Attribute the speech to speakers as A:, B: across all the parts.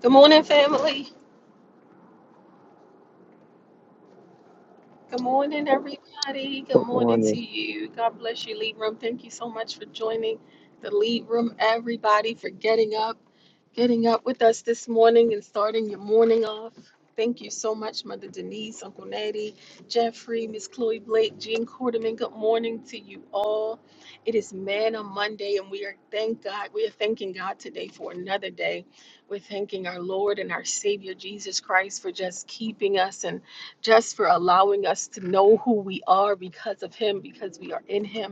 A: Good morning, family. Good morning, everybody. Good
B: Good
A: morning to
B: morning.
A: you. God bless you, Lead Room. Thank you so much for joining the Lead Room, everybody, for getting up. getting up with us this morning and starting your morning off. Thank you so much, Mother Denise, Uncle Natty, Jeffrey, Miss Chloe Blake, Jean Quarterman. Good morning to you all. It is Man on Monday, and we are thank God. We are thanking God today for another day. We're thanking our Lord and our Savior Jesus Christ for just keeping us and just for allowing us to know who we are because of Him, because we are in Him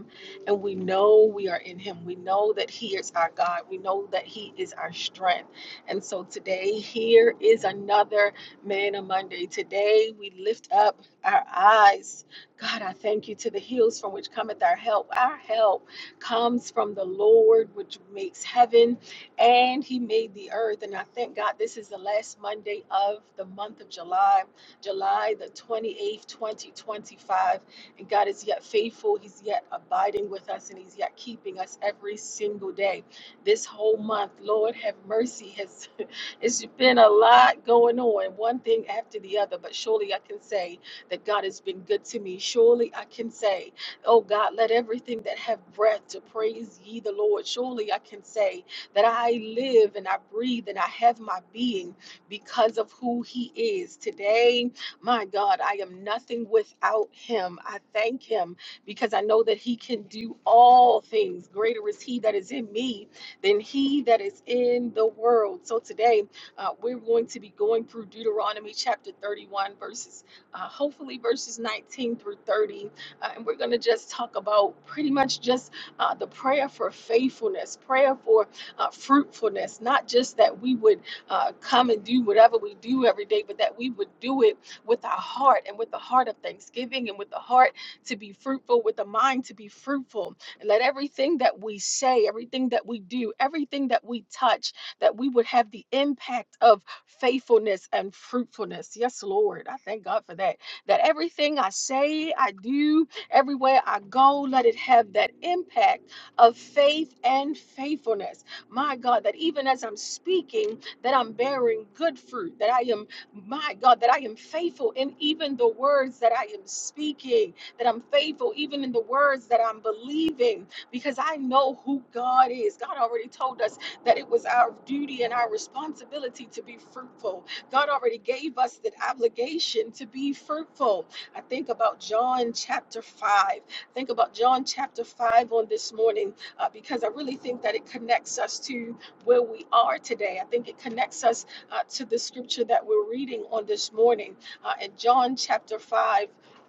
A: and we know we are in Him. We know that He is our God. We know that He is our strength. And so today, here is another Manna Monday. Today, we lift up our eyes. God, I thank you to the hills from which cometh our help. Our help comes from the Lord, which makes heaven and He made the earth. And I thank God this is the last Monday of the month of July, July the 28th, 2025. And God is yet faithful. He's yet abiding with us and He's yet keeping us every single day. This whole month, Lord have mercy, has it's been a lot going on, one thing after the other. But surely I can say that God has been good to me. Surely I can say, Oh God, let everything that have breath to praise ye the Lord. Surely I can say that I live and I breathe and I have my being because of who He is. Today, my God, I am nothing without him. I thank him because I know that he can do all things. Greater is he that is in me than he that is in the world. So today, uh, we're going to be going through Deuteronomy chapter 31, verses, uh, hopefully, verses 19 through 30. Uh, and we're going to just talk about pretty much just uh, the prayer for faithfulness, prayer for uh, fruitfulness, not just that we would uh, come and do whatever we do every day, but that we would do it with our heart and with the heart of thanksgiving and with the heart to be fruitful, with the mind to be fruitful. And let everything that we say, everything that we do, everything that we touch, that we would have the impact of faithfulness and fruitfulness. Yes, Lord. I thank God for that. That everything I say, I do, everywhere I go, let it have that impact of faith and faithfulness. My God, that even as I'm speaking, that I'm bearing good fruit, that I am my God, that I am faithful in even the words that I am speaking, that I'm faithful even in the words that I'm believing, because I know who God is. God already told us that it was our duty and our responsibility to be fruitful. God already gave us that obligation to be fruitful. I think about John chapter 5. Think about John chapter 5 on this morning, uh, because I really think that it connects us to where we are today. I think it connects us uh, to the scripture that we're reading on this morning. Uh, in John chapter 5,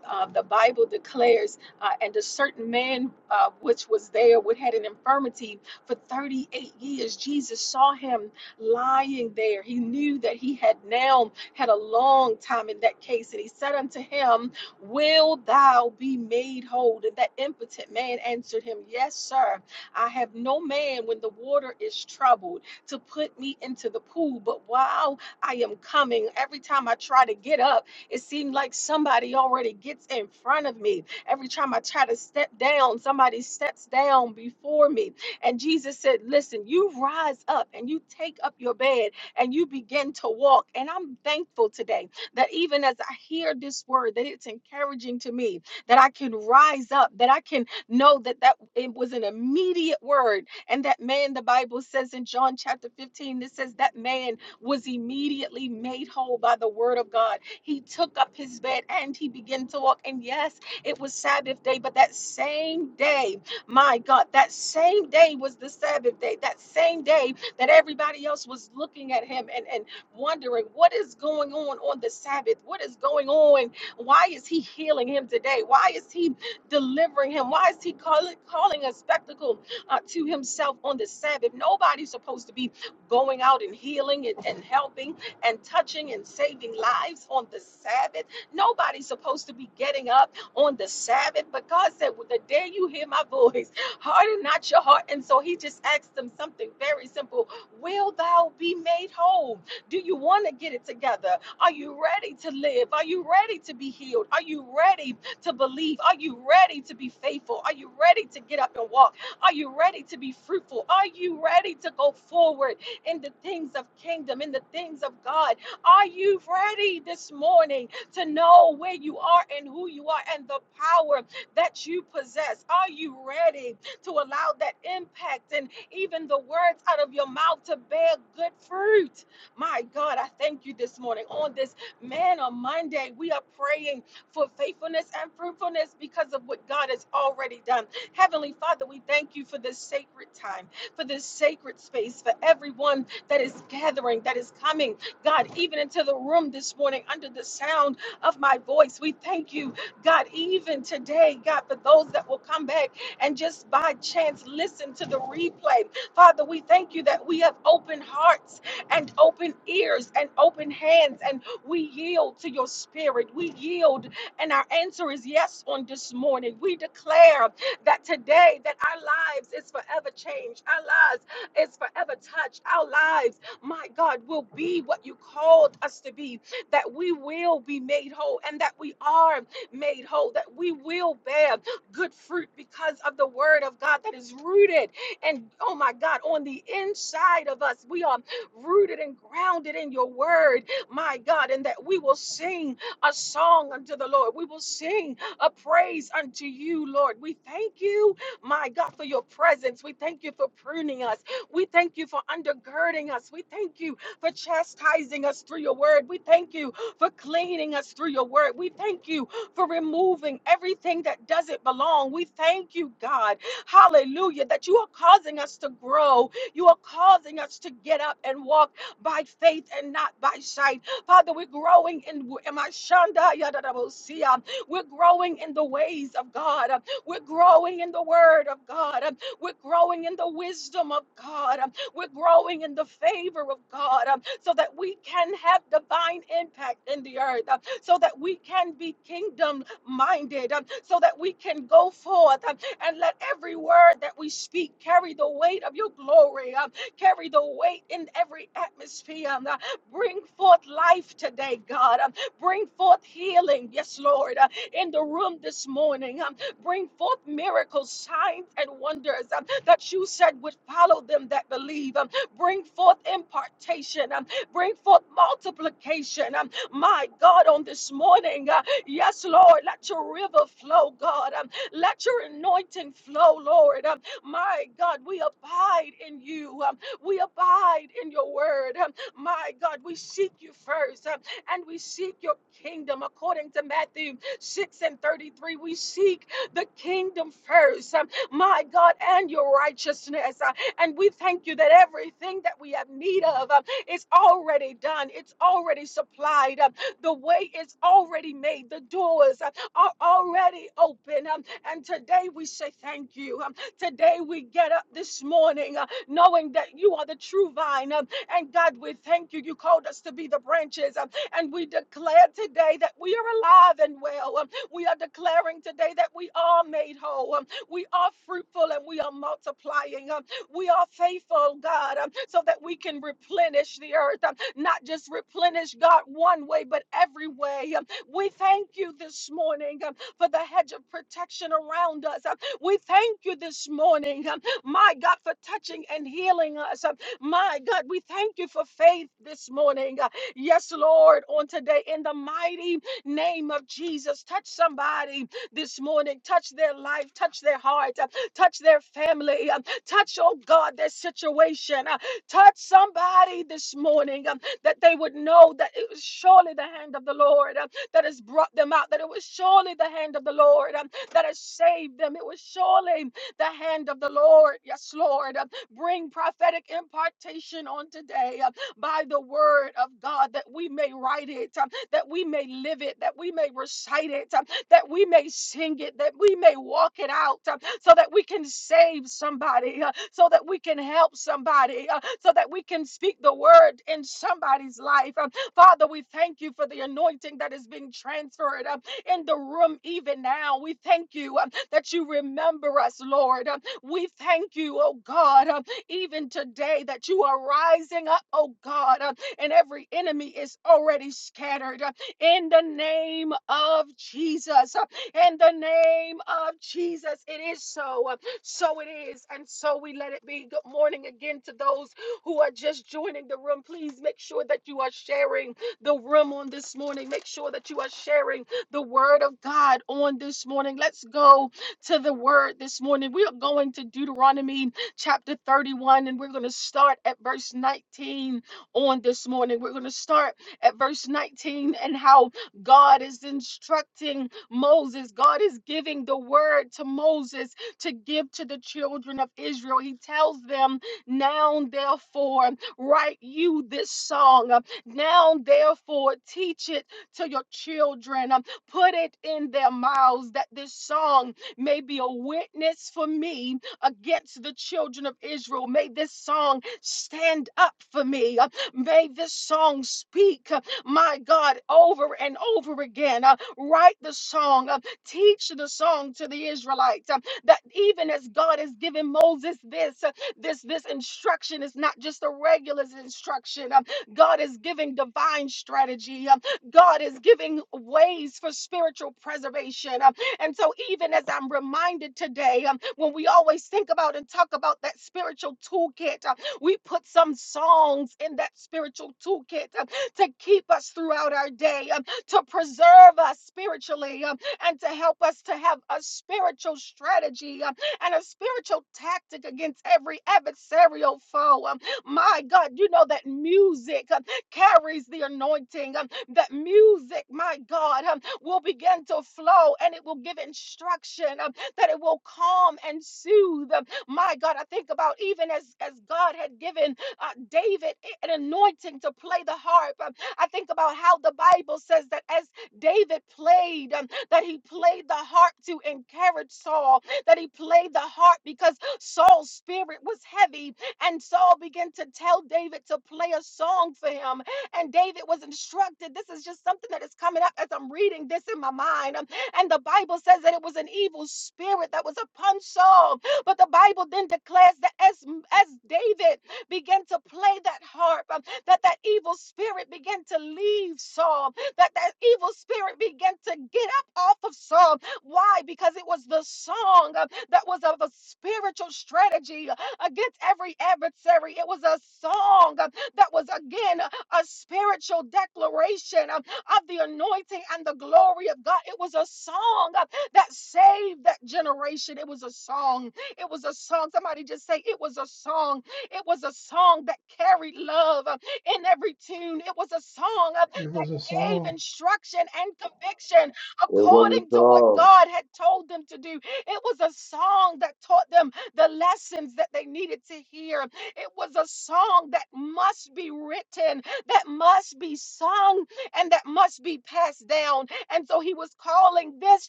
A: uh, the Bible declares, uh, and a certain man uh, which was there, which had an infirmity for 38 years, Jesus saw him lying there. He knew that he had now had a long time in that case, and he said unto him, Will thou be made whole? And that impotent man answered him, Yes, sir. I have no man when the water is troubled to put me into the pool. But while I am coming, every time I try to get up, it seemed like somebody already gets in front of me. Every time I try to step down, somebody steps down before me. And Jesus said, Listen, you rise up and you take up your bed and you begin to walk. And I'm thankful today that even as I hear this word, that it's encouraging to me that I can rise up, that I can know that that it was an immediate word and that man, the Bible says in John chapter 15, it says that man was immediately made whole by the word of God. He took up his bed and he began to walk. And yes, it was Sabbath day, but that same day, my God, that same day was the Sabbath day. That same day that everybody else was looking at him and, and wondering what is going on on the Sabbath? What is going on? Why is he healing him today? Why is he delivering him? Why is he calling, calling a spectacle? uh, to himself on the Sabbath. Nobody's supposed to be going out and healing and, and helping and touching and saving lives on the Sabbath. Nobody's supposed to be getting up on the Sabbath. But God said, well, The day you hear my voice, harden not your heart. And so he just asked them something very simple Will thou be made whole? Do you want to get it together? Are you ready to live? Are you ready to be healed? Are you ready to believe? Are you ready to be faithful? Are you ready to get up and walk? Are you ready to be fruitful? Are you ready to go forward in the things of kingdom, in the things of God? Are you ready this morning to know where you are and who you are and the power that you possess? Are you ready to allow that impact and even the words out of your mouth to bear good fruit? My God, I thank you this morning on this man on Monday. We are praying for faithfulness and fruitfulness because of what God has already done. Heavenly Father, we thank you for this sacred time, for this sacred space, for everyone that is gathering, that is coming, God, even into the room this morning under the sound of my voice. We thank you, God, even today, God, for those that will come back and just by chance listen to the replay. Father, we thank you that we have open hearts and open ears and open hands, and we yield to your spirit. We yield, and our answer is yes on this morning. We declare that today that our lives is forever changed. Our lives is forever touched. Our lives, my God, will be what you called us to be. That we will be made whole and that we are made whole. That we will bear good fruit because of the word of God that is rooted and oh my God, on the inside of us, we are rooted and grounded in your word, my God, and that we will sing a song unto the Lord. We will sing a praise unto you, Lord. We thank you, my God, for your presence. We thank you for pruning us. We thank you for undergirding us. We thank you for chastising us through your word. We thank you for cleaning us through your word. We thank you for removing everything that doesn't belong. We thank you, God. Hallelujah, that you are causing us to grow. You are causing us to get up and walk by faith and not by sight. Father, we're growing in in my shanda. Amashanda we're growing in the ways of God. Uh, We're growing in the word of God. Uh, We're growing in the wisdom of God. Um, We're growing in the favor of God um, so that we can have divine impact in the earth, uh, so that we can be kingdom minded, um, so that we can go forth um, and let every word that we speak carry the weight of your glory, um, carry the weight in every atmosphere. um, uh, Bring forth life today, God. um, Bring forth healing, yes, Lord. uh, in the room this morning. Um, bring forth miracles, signs, and wonders um, that you said would follow them that believe. Um, bring forth impartation. Um, bring forth multiplication. Um, my God, on this morning, uh, yes, Lord, let your river flow, God. Um, let your anointing flow, Lord. Um, my God, we abide in you. Um, we abide in your word. Um, my God, we seek you first um, and we seek your kingdom according to Matthew 6 and 33. We seek the kingdom first, um, my God, and your righteousness. Uh, and we thank you that everything that we have need of uh, is already done, it's already supplied, um, the way is already made, the doors uh, are already open. um, and today we say thank you. Um, today we get up this morning uh, knowing that you are the true vine. um, and God, we thank you. You called us to be the branches. um, and we declare today that we are alive and well. Um, We are declaring today that we are made whole. Um, We are fruitful and we are multiplying. Um, We are faithful, God, um, so that we can replenish the earth. Um, Not just replenish, God, one way, but every way. Um, We thank you this morning um, for the hedge of protection around us. Um, We thank you this morning, um, my God, for touching and healing us. Um, my God, we thank you for faith this morning. Uh, Yes, Lord, on today, in the mighty name of Jesus, touch somebody this morning, touch their life, touch their heart, uh, touch their family, uh, touch, oh God, their situation, uh, touch somebody this morning um, that they would know that it was surely the hand of the Lord um, that has brought them out, that it was surely the hand of the Lord um, that has saved them, it was surely the hand of the Lord. Yes, Lord, um, bring prophetic impartation on today by the word of God, that we may write it, um, that we may live it, that we may recite it, um, that we may sing it, that we may walk it out, um, so that we can save somebody, uh, so that we can help somebody, uh, so that we can speak the word in somebody's life. Um, Father, we thank you for the anointing that is being transferred um, in the room even now. We thank you um, that you remember us, Lord. Um, we thank you, oh God, um, even today that you are rising up, oh God, uh, and every enemy is already scattered uh, in the name of Jesus. uh, In the name of Jesus, it is so. uh, So it is, and so we let it be. Good morning again to those who are just joining the room. Please make sure that you are sharing the room on this morning. Make sure that you are sharing the word of God on this morning. Let's go to the word this morning. We are going to Deuteronomy chapter 31, and we're going to start at verse 19 on this morning. We're going to start at verse 19 and how God is instructing Moses. God is giving the word to Moses to give to the children of Israel. He tells them, Now therefore, write you this song. Uh, Now therefore, teach it to your children. Um, Put it in their mouths that this song may be a witness for me against the children of Israel. May this song stand up for me. Uh, May this song speak, uh, my God, over and over again. Uh, Write the song, uh, teach the song to the Israelites uh, that even as God has given Moses this, uh, this, this instruction is not just a regular instruction. Um, God is giving divine strategy. Um, God is giving ways for spiritual preservation. Um, and so, even as I'm reminded today, um, when we always think about and talk about that spiritual toolkit, uh, we put some songs in that spiritual toolkit um, to keep us throughout our day, um, to preserve us spiritually, um, and to help us to have a spiritual strategy um, and a spiritual tactic against every adversarial foe. Um, my God, you know that music um, carries the anointing. um, that music, my God, um, will begin to flow and it will give instruction, um, that it will calm and soothe. Um, my God, I think about even as, as God had given uh, David an anointing to play the harp. Um, I think about how the Bible says that as David played, um, that he played the harp to encourage Saul, that he played the harp because Saul's spirit was heavy. And Saul began to tell David to play a song for him and David was instructed. This is just something that is coming up as I'm reading this in my mind. Um, And the Bible says that it was an evil spirit that was upon Saul. But the Bible then declares that as, as David began to play that harp, um, that that evil spirit began to leave Saul, that that evil spirit began to get up off of Saul. Why? Because it was the song uh, that was of a spiritual strategy uh, against every adversary. It was a song uh, that was again uh, a spiritual declaration um, of the anointing and the glory of God. It was a song uh, that saved that generation. It was a song. It was a song. Somebody just say, It was a song. It was a song that carried love um, in every tune. It was a song uh,
C: It was a
A: gave
C: song.
A: instruction and conviction
D: It was not
A: according to what
D: song.
A: God had told them to do. It was a song that taught them the lessons that they needed to hear. It was a song that must be written, that must be sung, and that must be passed down. And so he was calling this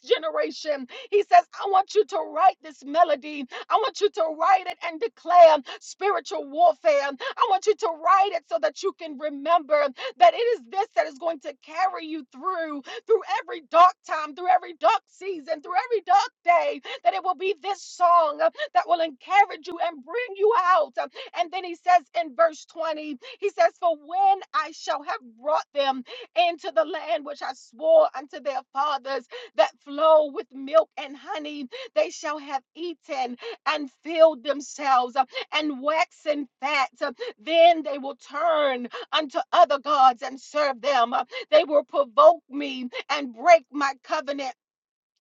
A: generation. He says, I want you to write this melody. I want you to write it and declare spiritual warfare. I want you to write it so that you can remember that it is this that is going to carry you through through every dark time, through every dark season, through every dark day, that it will be this song uh, that will encourage you and bring you out. Um, And then he says in verse 20, he says, For when I shall have brought them into the land which I swore unto their fathers that flow with milk and honey, they shall have eaten and filled themselves uh, and waxen fat. Uh, Then they will turn unto other gods and serve them. Uh, They will provoke me and break my covenant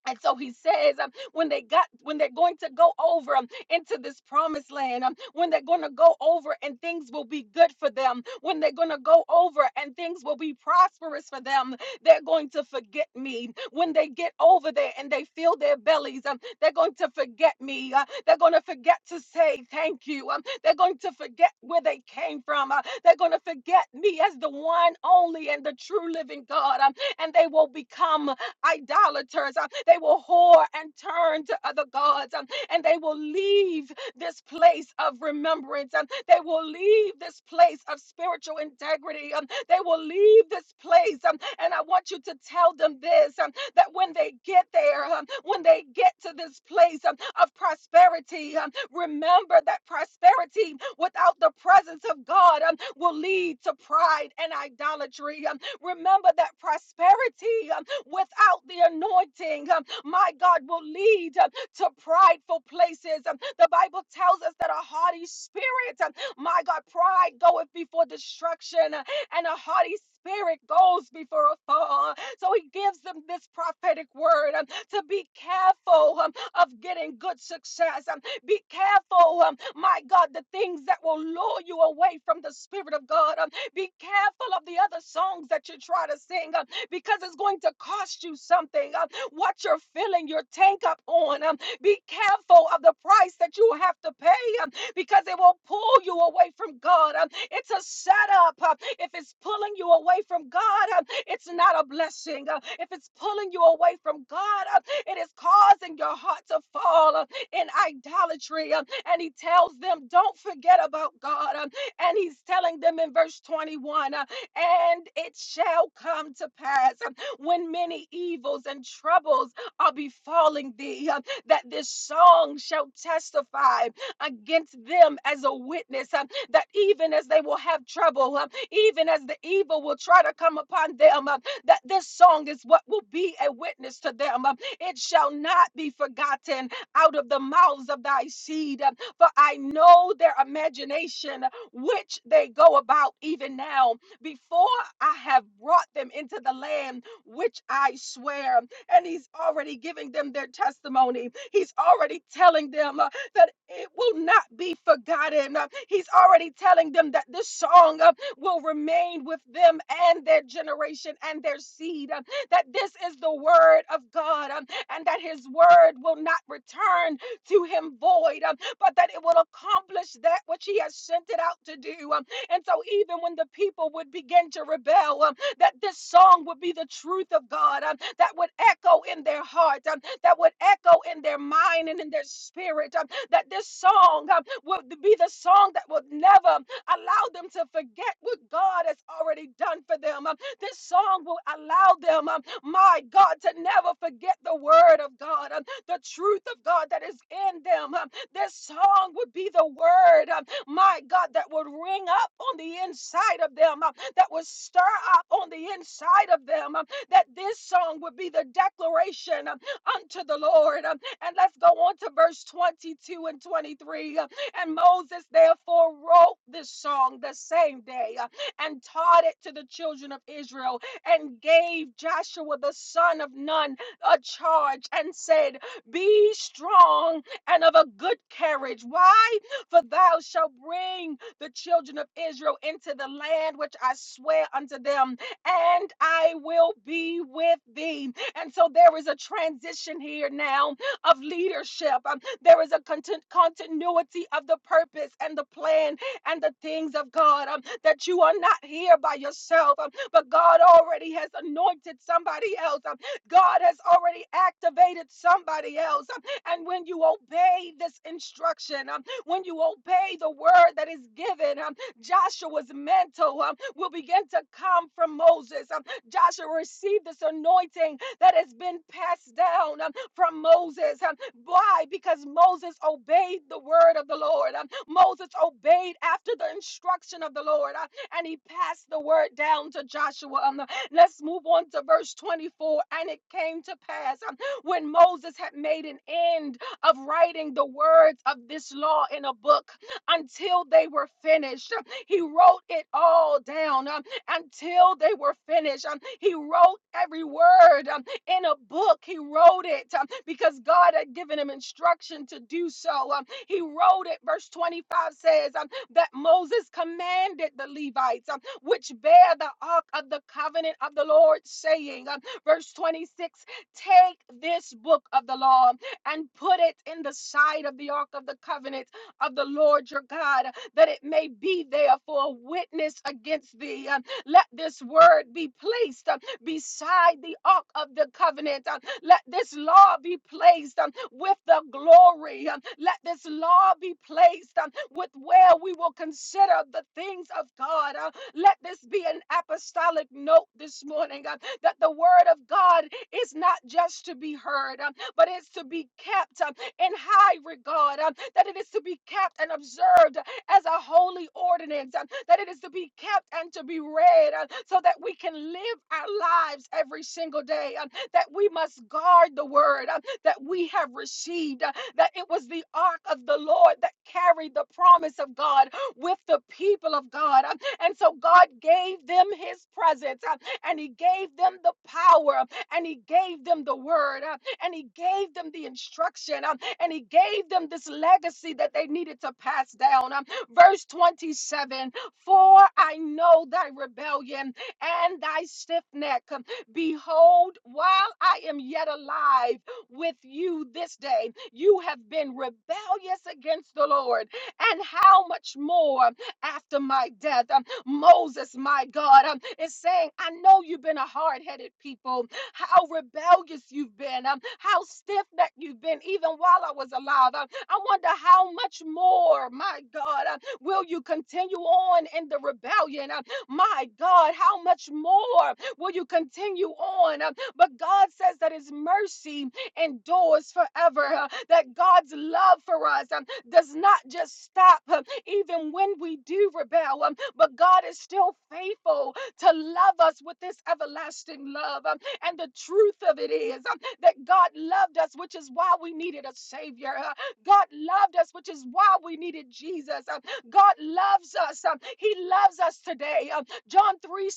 A: and so he says, um, when they got, when they're going to go over um, into this promised land, um, when they're going to go over and things will be good for them, when they're going to go over and things will be prosperous for them, they're going to forget me. When they get over there and they fill their bellies, um, they're going to forget me. Uh, they're going to forget to say thank you. Um, they're going to forget where they came from. Uh, they're going to forget me as the one, only, and the true living God. Um, and they will become idolaters. Uh, They will whore and turn to other gods, um, and they will leave this place of remembrance. Um, They will leave this place of spiritual integrity. Um, They will leave this place. um, And I want you to tell them this um, that when they get there, um, when they get to this place um, of prosperity, um, remember that prosperity without the presence of God um, will lead to pride and idolatry. Um, Remember that prosperity um, without the anointing, um, my God, will lead um, to prideful places. Um, The Bible tells us that a haughty spirit, um, my God, pride goeth before destruction, uh, and a haughty spirit goes before a fall. So he gives them this prophetic word um, to be careful um, of getting good success. Um, Be careful, um, my God, the things that will lure you away from the Spirit of God. Um, Be careful of the other songs that you try to sing because it's going to cost you something. Um, what you're filling your tank up on, um, be careful of the price that you have to pay um, because it will pull you away from God. Um, it's a setup. Um, if it's pulling you away from God, um, it's not a blessing. Uh, if it's pulling you away from God, um, it is causing your heart to fall um, in idolatry. Um, and he tells them, Don't forget about God. Um, and he's telling them in verse 21. uh, and it shall come to pass um, when many evils and troubles are befalling thee, um, that this song shall testify against them as a witness, um, that even as they will have trouble, um, even as the evil will try to come upon them, um, that this song is what will be a witness to them. um, It shall not be forgotten out of the mouths of thy seed, um, for I know their imagination which they go about even now before I have brought them into the land which I swear. And he's already giving them their testimony. He's already telling them uh, that it will not be forgotten. Uh, He's already telling them that this song uh, will remain with them and their generation and their seed. uh, That this is the word of God um, and that his word will not return to him void, um, but that it will accomplish that which he has sent it out to do. um, and so, even when the people would begin to rebel, um, that this song would be the truth of God, um, that would echo in their heart, um, that would echo in their mind and in their spirit, um, that this song um, would be the song that would never allow them to forget what God has already done for them. Um, This song will allow them, um, my God, to never forget the word of God, um, the truth of God that is in them. Um, This song would be the word. um, my God, that would ring up on the inside of them, uh, that would stir up on the inside of them, uh, that this song would be the declaration uh, unto the Lord. Um, And let's go on to verse 22 and 23. uh, And Moses therefore wrote this song the same day uh, and taught it to the children of Israel and gave Joshua the son of Nun a charge and said, Be strong and of a good carriage. Why? For thou shalt bring the children of Israel into the land which I swear unto them, and I will be with thee. And so there is a transition here now of leadership. Um, There is a contin- continuity of the purpose and the plan and the things of God. um, That you are not here by yourself, um, but God already has anointed somebody else. um, God has already activated somebody else. um, And when you obey this instruction, um, when you obey the word that is given, um, Joshua's mantle um, will begin to come from Moses. Um, Joshua received this anointing that has been passed down um, from Moses. Um, why? Because Moses obeyed the word of the Lord. Um, Moses obeyed after the instruction of the Lord, uh, and he passed the word down to Joshua. Um, let's move on to verse 24. And it came to pass um, when Moses had made an end of writing the words of this law in a book until they were finished. Um, He wrote it all down um, until they were finished. Um, He wrote every word um, in a book. He wrote it um, because God had given him instruction to do so. Um, He wrote it, verse 25 says, um, that Moses commanded the Levites, um, which bear the ark of the covenant of the Lord, saying, um, verse 26, take this book of the law and put it in the side of the ark of the covenant of the Lord your God, that it may be there for a witness against thee. Uh, Let this word be placed uh, beside the ark of the covenant. Uh, Let this law be placed um, with the glory. Um, Let this law be placed um, with where we will consider the things of God. Uh, Let this be an apostolic note this morning uh, that the word of God is not just to be heard. uh, but it's to be kept uh, in high regard, uh, that it is to be kept and observed as a holy ordinance, uh, that it is to be kept and to be read uh, so that we can live our lives every single day, uh, that we must guard the word uh, that we have received, uh, that it was the ark of the Lord that carried the promise of God with the people of God. uh, And so God gave them his presence uh, and he gave them the power uh, and he gave them the word and he gave them the instruction um, and he gave them this legacy that they needed to pass down. Um, verse 27 For I know thy rebellion and thy stiff neck. Um, Behold, while I am yet alive with you this day, you have been rebellious against the Lord. And how much more after my death? Um, Moses, my God, um, is saying, I know you've been a hard headed people how rebellious you've been, um, how stiff necked you've been, even while I was alive. Um, I wonder how much more, my God, um, will you continue on in the rebellion? Um, my God, how much more will you continue on? Um, but God says that His mercy endures forever, uh, that God's love for us um, does not just stop uh, even when we do rebel, um, but God is still faithful to love us with this everlasting love. And the truth of it is um, that God loved us, which is why we needed a Savior. Uh, God loved us, which is why we needed Jesus. Um, God loves us. um, He loves us today. Um, John 3:16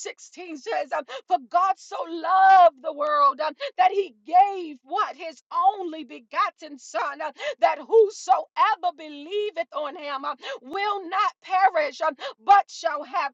A: says, um, For God so loved the world um, that He gave what? His only begotten Son, uh, that whosoever believeth on Him um, will not perish, um, but shall have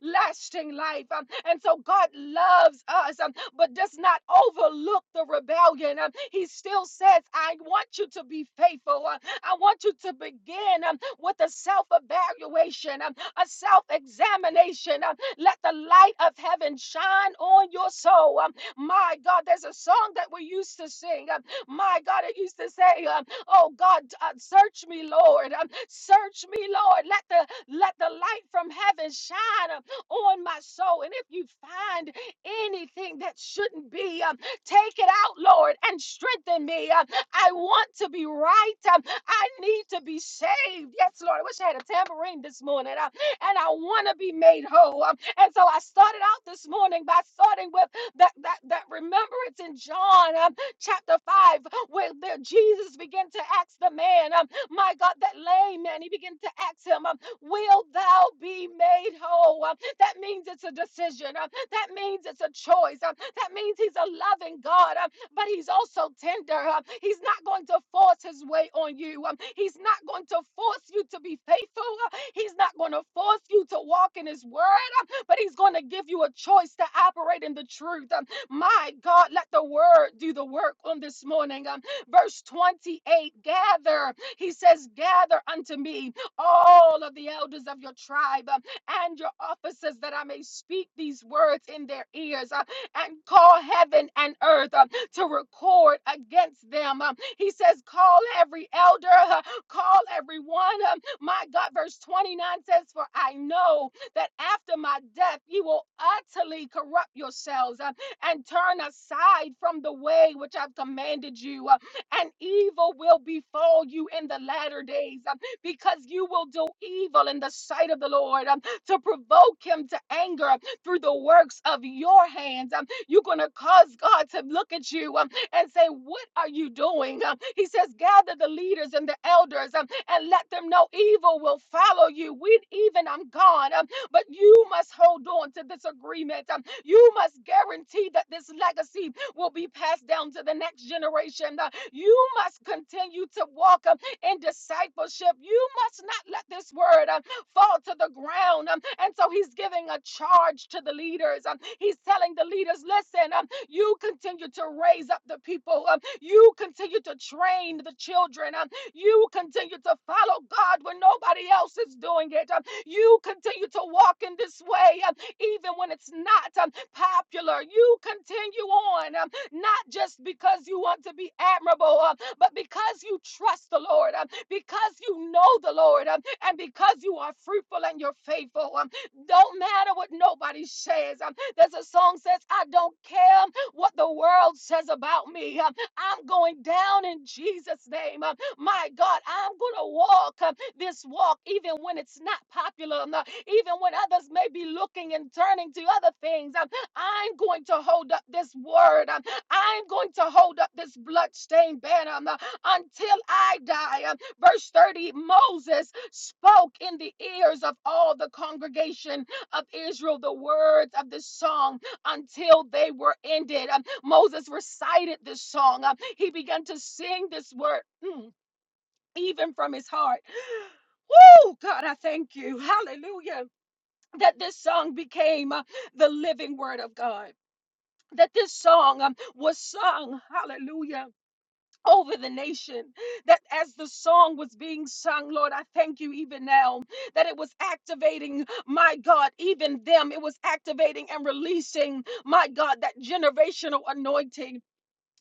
A: everlasting life. Um, And so God loves us. Um, but does not overlook the rebellion. Um, He still says, I want you to be faithful. Uh, I want you to begin um, with a self evaluation, a self examination. Let the light of heaven shine on your soul. Um, My God, there's a song that we used to sing. um, My God, it used to say, um, Oh God, uh, search me, Lord. Um, Search me, Lord. Let the let the light from heaven shine um, on my soul. And if you find anything that shouldn't be. Um, take it out, Lord, and strengthen me. Um, I want to be right. Um, I need to be saved. Yes, Lord. I wish I had a tambourine this morning. Um, and I want to be made whole. Um, and so I started out this morning by starting with that, that, that remembrance in John um, chapter 5, where the, Jesus began to ask the man, um, my God, that lame man, he began to ask him, um, Will thou be made whole? Um, that means it's a decision. Um, that means it's a choice. Um, That means He's a loving God, um, but He's also tender. um, He's not going to force His way on you. um, He's not going to force you to be faithful. uh, He's not going to force you to walk in His word, um, but He's going to give you a choice to operate in the truth. um, My God, let the word do the work on this morning. um, Verse 28 Gather, He says, gather unto me all of the elders of your tribe. um, and your officers that I may speak these words in their ears uh, and call heaven and earth uh, to record against them. Um, he says, Call every elder, uh, call everyone. Um, my God, verse 29 says, For I know that after my death, you will utterly corrupt yourselves uh, and turn aside from the way which I've commanded you. uh, and evil will befall you in the latter days um, because you will do evil in the sight of the Lord. um, to provoke him to anger through the works of your hands. Um, You're going to cause God to look at you um, and say, What are you doing? Um, He says, Gather the leaders and the elders um, and let them know evil will follow you. We even I'm gone, um, but you must hold on to this agreement. Um, You must guarantee that this legacy will be passed down to the next generation. Uh, You must continue to walk um, in discipleship. You must not let this word um, fall to the ground. Um, And so he's giving a charge to the leaders. Um, He's telling the leaders, listen, um, you continue to raise up the people. Um, You continue to train the children. Um, You continue to follow God when nobody else is doing it. Um, You continue to walk in this way, um, even when it's not um, popular. You continue on, um, not just because you want to be admirable, um, but because you trust the Lord. Um, because you know the Lord um, and because you are fruitful and you're faithful. um, Don't matter what nobody says. um, There's a song says, I don't care what the world says about me. um, I'm going down in Jesus' name. um, My God, I'm going to walk um, this walk even when it's not popular, um, uh, even when others may be looking and turning to other things. um, I'm going to hold up this word. um, I'm going to hold up this bloodstained banner um, uh, until I die. um, Verse 30 Moses spoke in the ears of all the congregation of Israel the words of this song until they were ended. Um, Moses recited this song. Um, he began to sing this word mm, even from his heart. Oh God, I thank you. Hallelujah. That this song became uh, the living word of God. That this song um, was sung, hallelujah, over the nation. That as the song was being sung, Lord, I thank you even now that it was activating, my God, even them. It was activating and releasing, my God, that generational anointing.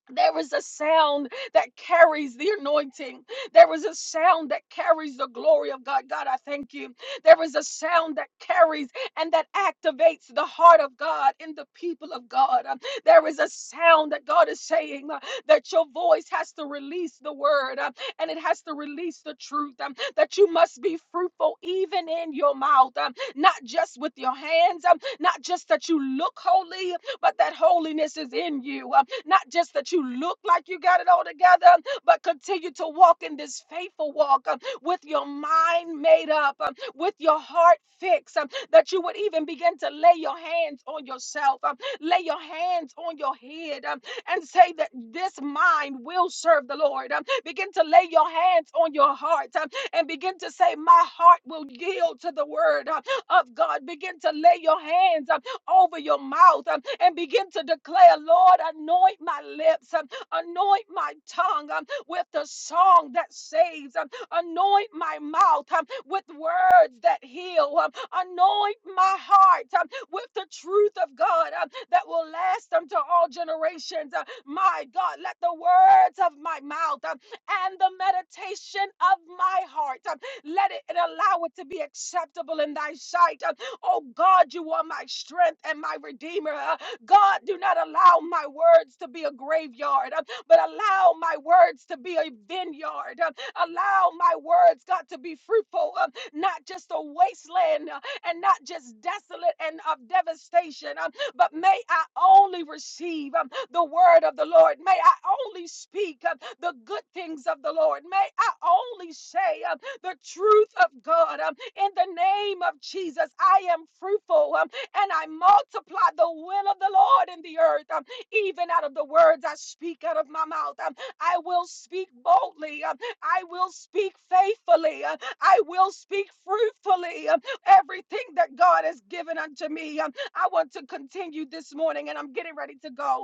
A: There is a sound that carries the anointing. There is a sound that carries the glory of God. God, I thank you. There is a sound that carries and that activates the heart of God in the people of God. Um, There is a sound that God is saying uh, that your voice has to release the word um, and it has to release the truth, um, that you must be fruitful even in your mouth, um, not just with your hands, um, not just that you look holy, but that holiness is in you. Uh, Not just that you look like you got it all together, but continue to walk in this faithful walk um, with your mind made up, um, with your heart fixed, um, that you would even begin to lay your hands on yourself, um, lay your hands on your head, um, and say that this mind will serve the Lord. Um, Begin to lay your hands on your heart um, and begin to say, My heart will yield to the word uh, of God. Begin to lay your hands. um, over your mouth um, and begin to declare, Lord, anoint my lips, um, anoint my tongue um, with the song that saves, um, anoint my mouth um, with words that heal, um, anoint my heart um, with the truth of God um, that will last unto all generations. Uh, my God, let the words of my mouth um, and the meditation of my heart um, let it and allow it to be acceptable in thy sight. um, Oh God, you are my strength and my redeemer. Uh, God, do not allow my words to be a graveyard, uh, but allow my words to be a vineyard. uh, Allow my words, God, to be fruitful, uh, not just a wasteland uh, and not just desolate and of devastation, uh, but may I only receive um, the word of the Lord. May I only speak um, the good things of the Lord. May I only say um, the truth of God. Um, in the name of Jesus. I am fruitful um, and I multiply the will of the Lord in the earth, um, even out of the words I speak out of my mouth. um, I will speak boldly. um, I will speak faithfully. uh, I will speak fruitfully. um, Everything that God has given unto me, um, I want to continue this morning and I'm getting ready to go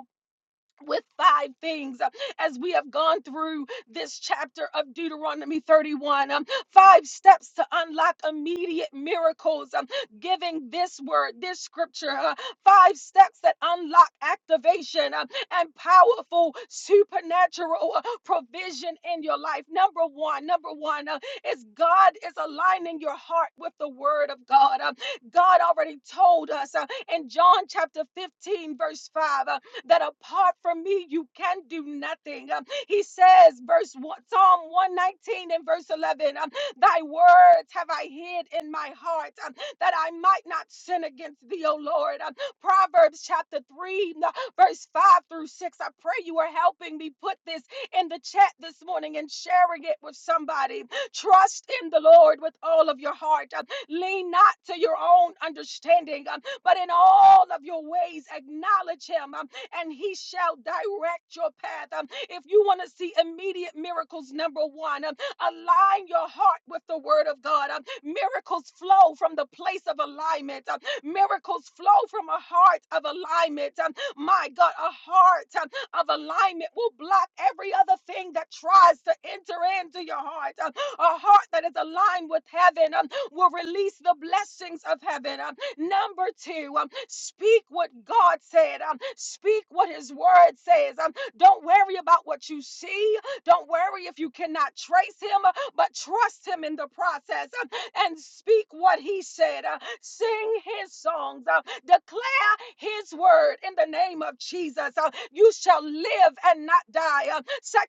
A: with five things uh, as we have gone through this chapter of Deuteronomy 31. um, five steps to unlock immediate miracles, um, giving this word, this scripture, uh, five steps that unlock activation um, and powerful supernatural uh, provision in your life. Number one, number one uh, is God is aligning your heart with the word of God. Um, God already told us uh, in John chapter 15, verse 5. uh, that apart from me, you can do nothing. Um, He says, verse one, Psalm 119 and verse 11, um, Thy words have I hid in my heart um, that I might not sin against thee, O Lord. Um, Proverbs chapter 3, n- verse 5 through 6. I pray you are helping me put this in the chat this morning and sharing it with somebody. Trust in the Lord with all of your heart. Um, Lean not to your own understanding, um, but in all of your ways acknowledge him. Um, and he shall direct your path. Um, if you want to see immediate miracles, number one, um, align your heart with the word of God. Um, miracles flow from the place of alignment. Um, miracles flow from a heart of alignment. Um, my God, a heart um, of alignment will block every other thing that tries to enter into your heart. Um, a heart that is aligned with heaven um, will release the blessings of heaven. Um, Number two, um, speak what God said. Um, speak what His Word says. Um, don't worry about what you see. Don't worry if you cannot trace Him, uh, but trust Him in the process um, and speak what He said. Uh, sing His songs. Uh, declare His Word in the name of Jesus. Uh, you shall live and not die. Uh,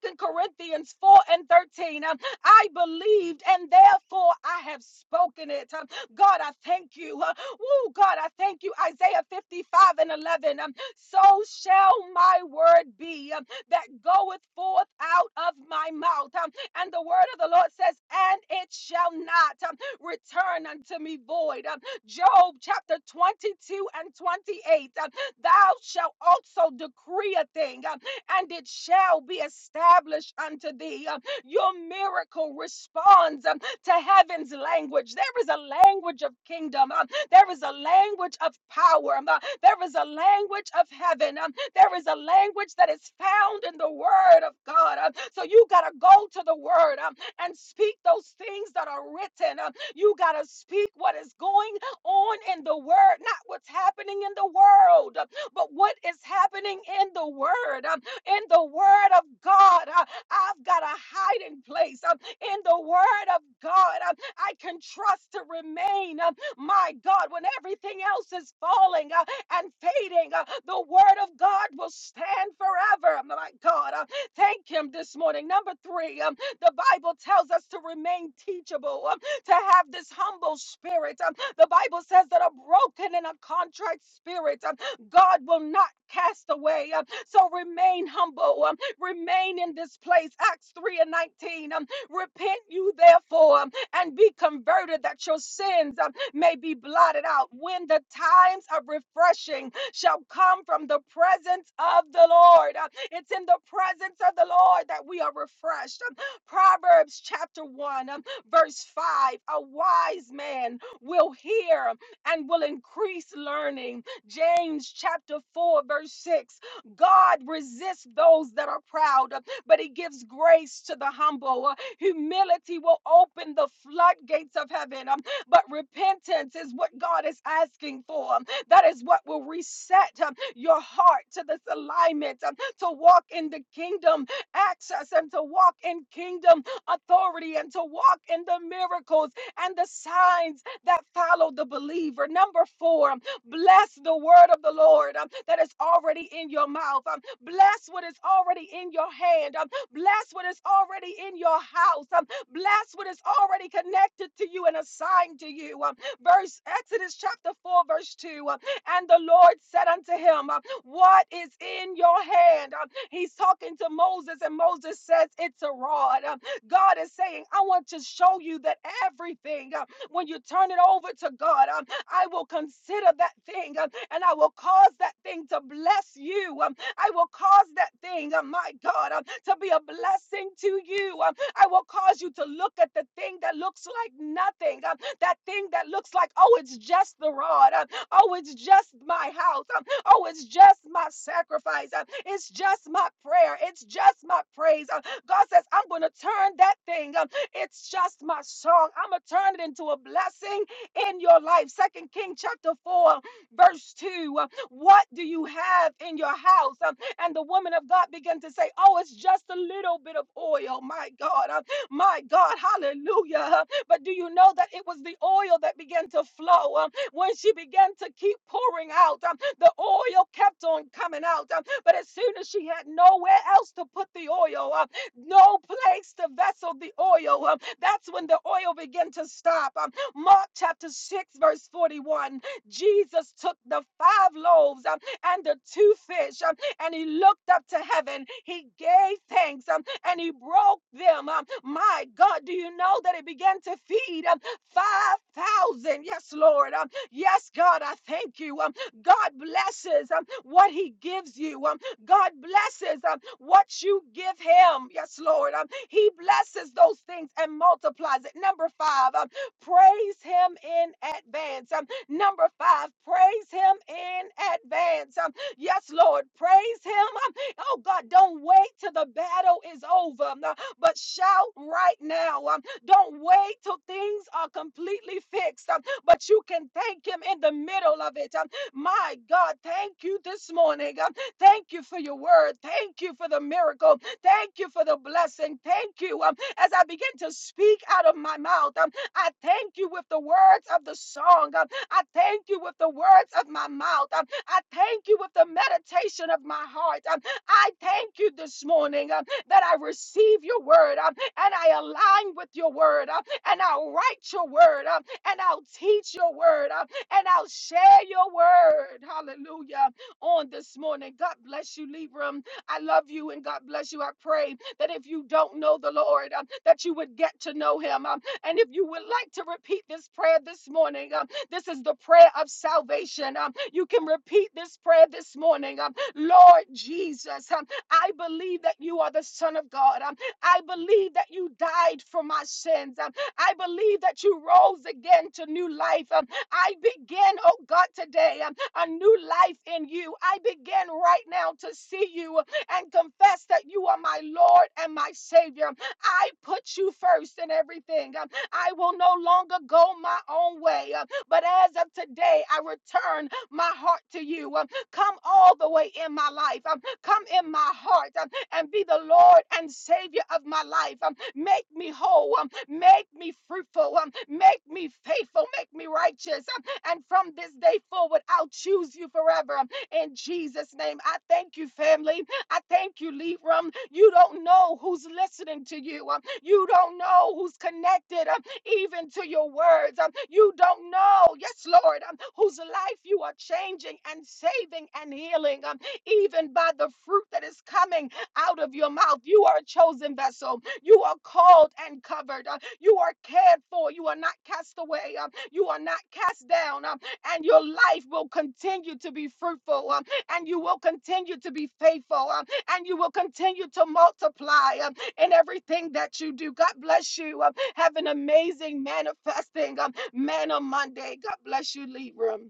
A: 2 Corinthians 4 and 13. Um, I believed and therefore I have spoken it. Um, God, I thank you. Uh, Oh, God, I thank you. Isaiah 55 and 11. um, so shall my word be um, that goeth forth out of my mouth. Um, and the word of the Lord says, and it shall not um, return unto me void. Um, Job chapter 22 and 28. um, Thou shalt also decree a thing, um, and it shall be established unto thee. Um, Your miracle responds. um, to heaven's language. There is a language of kingdom. Um, there is a language of power. Um, uh, there is a language of heaven. Um, there is a language that is found in the word of God. Um, so you got to go to the word um, and speak those things that are written. Um, you got to speak what is going on in the word, not what's happening in the world, uh, but what is happening in the word, um, in the word of God. Uh, I've got a hiding place. Um, in the word of God. Um, I can trust to remain, um, my God, when everything else is falling uh, and fading. uh, The word of God will stand forever, Um, my God. Uh, Thank Him this morning. Number three, um, the Bible tells us to remain teachable, um, to have this humble spirit. Um, The Bible says that a broken and a contrite spirit, um, God will not cast away. Um, So remain humble. um, remain in this place. Acts 3 and 19. Um, Repent you therefore and be converted that your sins um, may be blotted out when the times of refreshing shall come from the presence of the Lord. Uh, It's in the presence of the Lord that we are refreshed. Um, Proverbs chapter 1, um, verse 5 A wise man will hear um, and will increase learning. James chapter 4, verse 6 God resists those that are proud, uh, but he gives grace to the humble. Uh, Humility will open the floodgates of heaven. Um, but repentance is what God is asking for. Um, That is what will reset um, your heart to this alignment um, to walk in the kingdom access and to walk in kingdom authority and to walk in the miracles and the signs that follow the believer. Number four, um, bless the word of the Lord um, that is already in your mouth. Um, Bless what is already in your hand. Um, Bless what is already in your house. Um, Bless what is already connected to you and assigned to you. Um, Verse Exodus chapter 4, verse 2. uh, And the Lord said unto him, uh, What is in your hand? Um, He's talking to Moses, and Moses says, It's a rod. Um, God is saying, I want to show you that everything, uh, when you turn it over to God, um, I will consider that thing um, and I will cause that thing to bless you. Um, I will cause that thing, uh, my God, uh, to be a blessing to you. Um, I will cause you to look at the thing that looks like nothing, um, that thing that looks like, oh, it's just the rod. um, oh, it's just my house. um, oh, it's just my sacrifice. um, it's just my prayer. It's just my praise. um, God says, I'm going to turn that thing. um, it's just my song. I'm going to turn it into a blessing in your life. Second King chapter 4, verse 2. um, what do you have in your house? Um, and the woman of God began to say, Oh, it's just a little bit of oil. My God, um, my God, hallelujah. But do you know that it was the oil that began to flow um, when she began to keep pouring out? Um, the oil kept on coming out. um, but as soon as she had nowhere else to put the oil, um, no place to vessel the oil, um, that's when the oil began to stop. Um, Mark chapter 6, verse 41. Jesus took the five loaves um, and the two fish um, and he looked up to heaven. He gave thanks um, and he broke them. um, My God, do you know that he began to feed um, 5,000? Yes, Lord. um, Yes, God, I thank you. um, God blesses um, what he gives you. um, God blesses um, what you give him. Yes, Lord. Um, he blesses those things and multiplies it. Number five, um, praise him in advance. Um, Number five, praise him in advance. Um, yes, Lord, praise him. Um, oh, God, don't wait till the battle is over, um, uh, but shout right now. Um, don't wait till things are completely fixed, um, but you can thank him in the middle of it. Um, my God, thank you this morning. Um, thank you for your word. Thank you for the miracle. Thank you for the blessing. Thank you. Um, as I begin to speak out of my mouth, um, I thank you with the words of the song. Um, I thank you with the words of my mouth. Um, I thank you with the meditation of my heart. Um, I thank you this morning um, that I receive your word um, and I align with your word um, and I'll write your word um, and I'll teach your word um, and I'll share your word. Hallelujah. On this morning. God bless you, Libram. I love you and God bless you. I pray that if you don't know the Lord, um, that you would get to know him. um, and if you would like to repeat this prayer this morning, um, this is the prayer of salvation. Um, you can repeat this prayer this morning. Um, Lord Jesus, um, I believe that you are the Son of God. Um, I believe that you died for my sins. Um, I believe that you rose again to new life. Um, I begin, oh God, today um, a new life in you. I begin right now to see you uh, and confess that you are my Lord and my Savior. Um, I put you first in everything. Um, I will no longer go my own way. But as of today, I return my heart to you. Um, Come all the way in my life. Um, Come in my heart um, and be the Lord and Savior of my life. Um, Make me whole. Um, Make me fruitful. Um, Make me faithful. Make me righteous. Um, And from this day forward, I'll choose you forever. Um, In Jesus' name, I thank you, family. I thank you, Libram. You don't know who's listening to you. Um, You don't know who's connected. Um, even to your words. Um, you don't know, yes, Lord, um, whose life you are changing and saving and healing, um, even by the fruit that is coming out of your mouth. You are a chosen vessel. You are called and covered. Uh, you are cared for. You are not cast away. Um, you are not cast down. Um, and your life will continue to be fruitful. Um, and you will continue to be faithful. Um, and you will continue to multiply. Um, in everything that you do. God bless you. Um, have an amazing manifesting um, man on Monday. God bless you, Libram.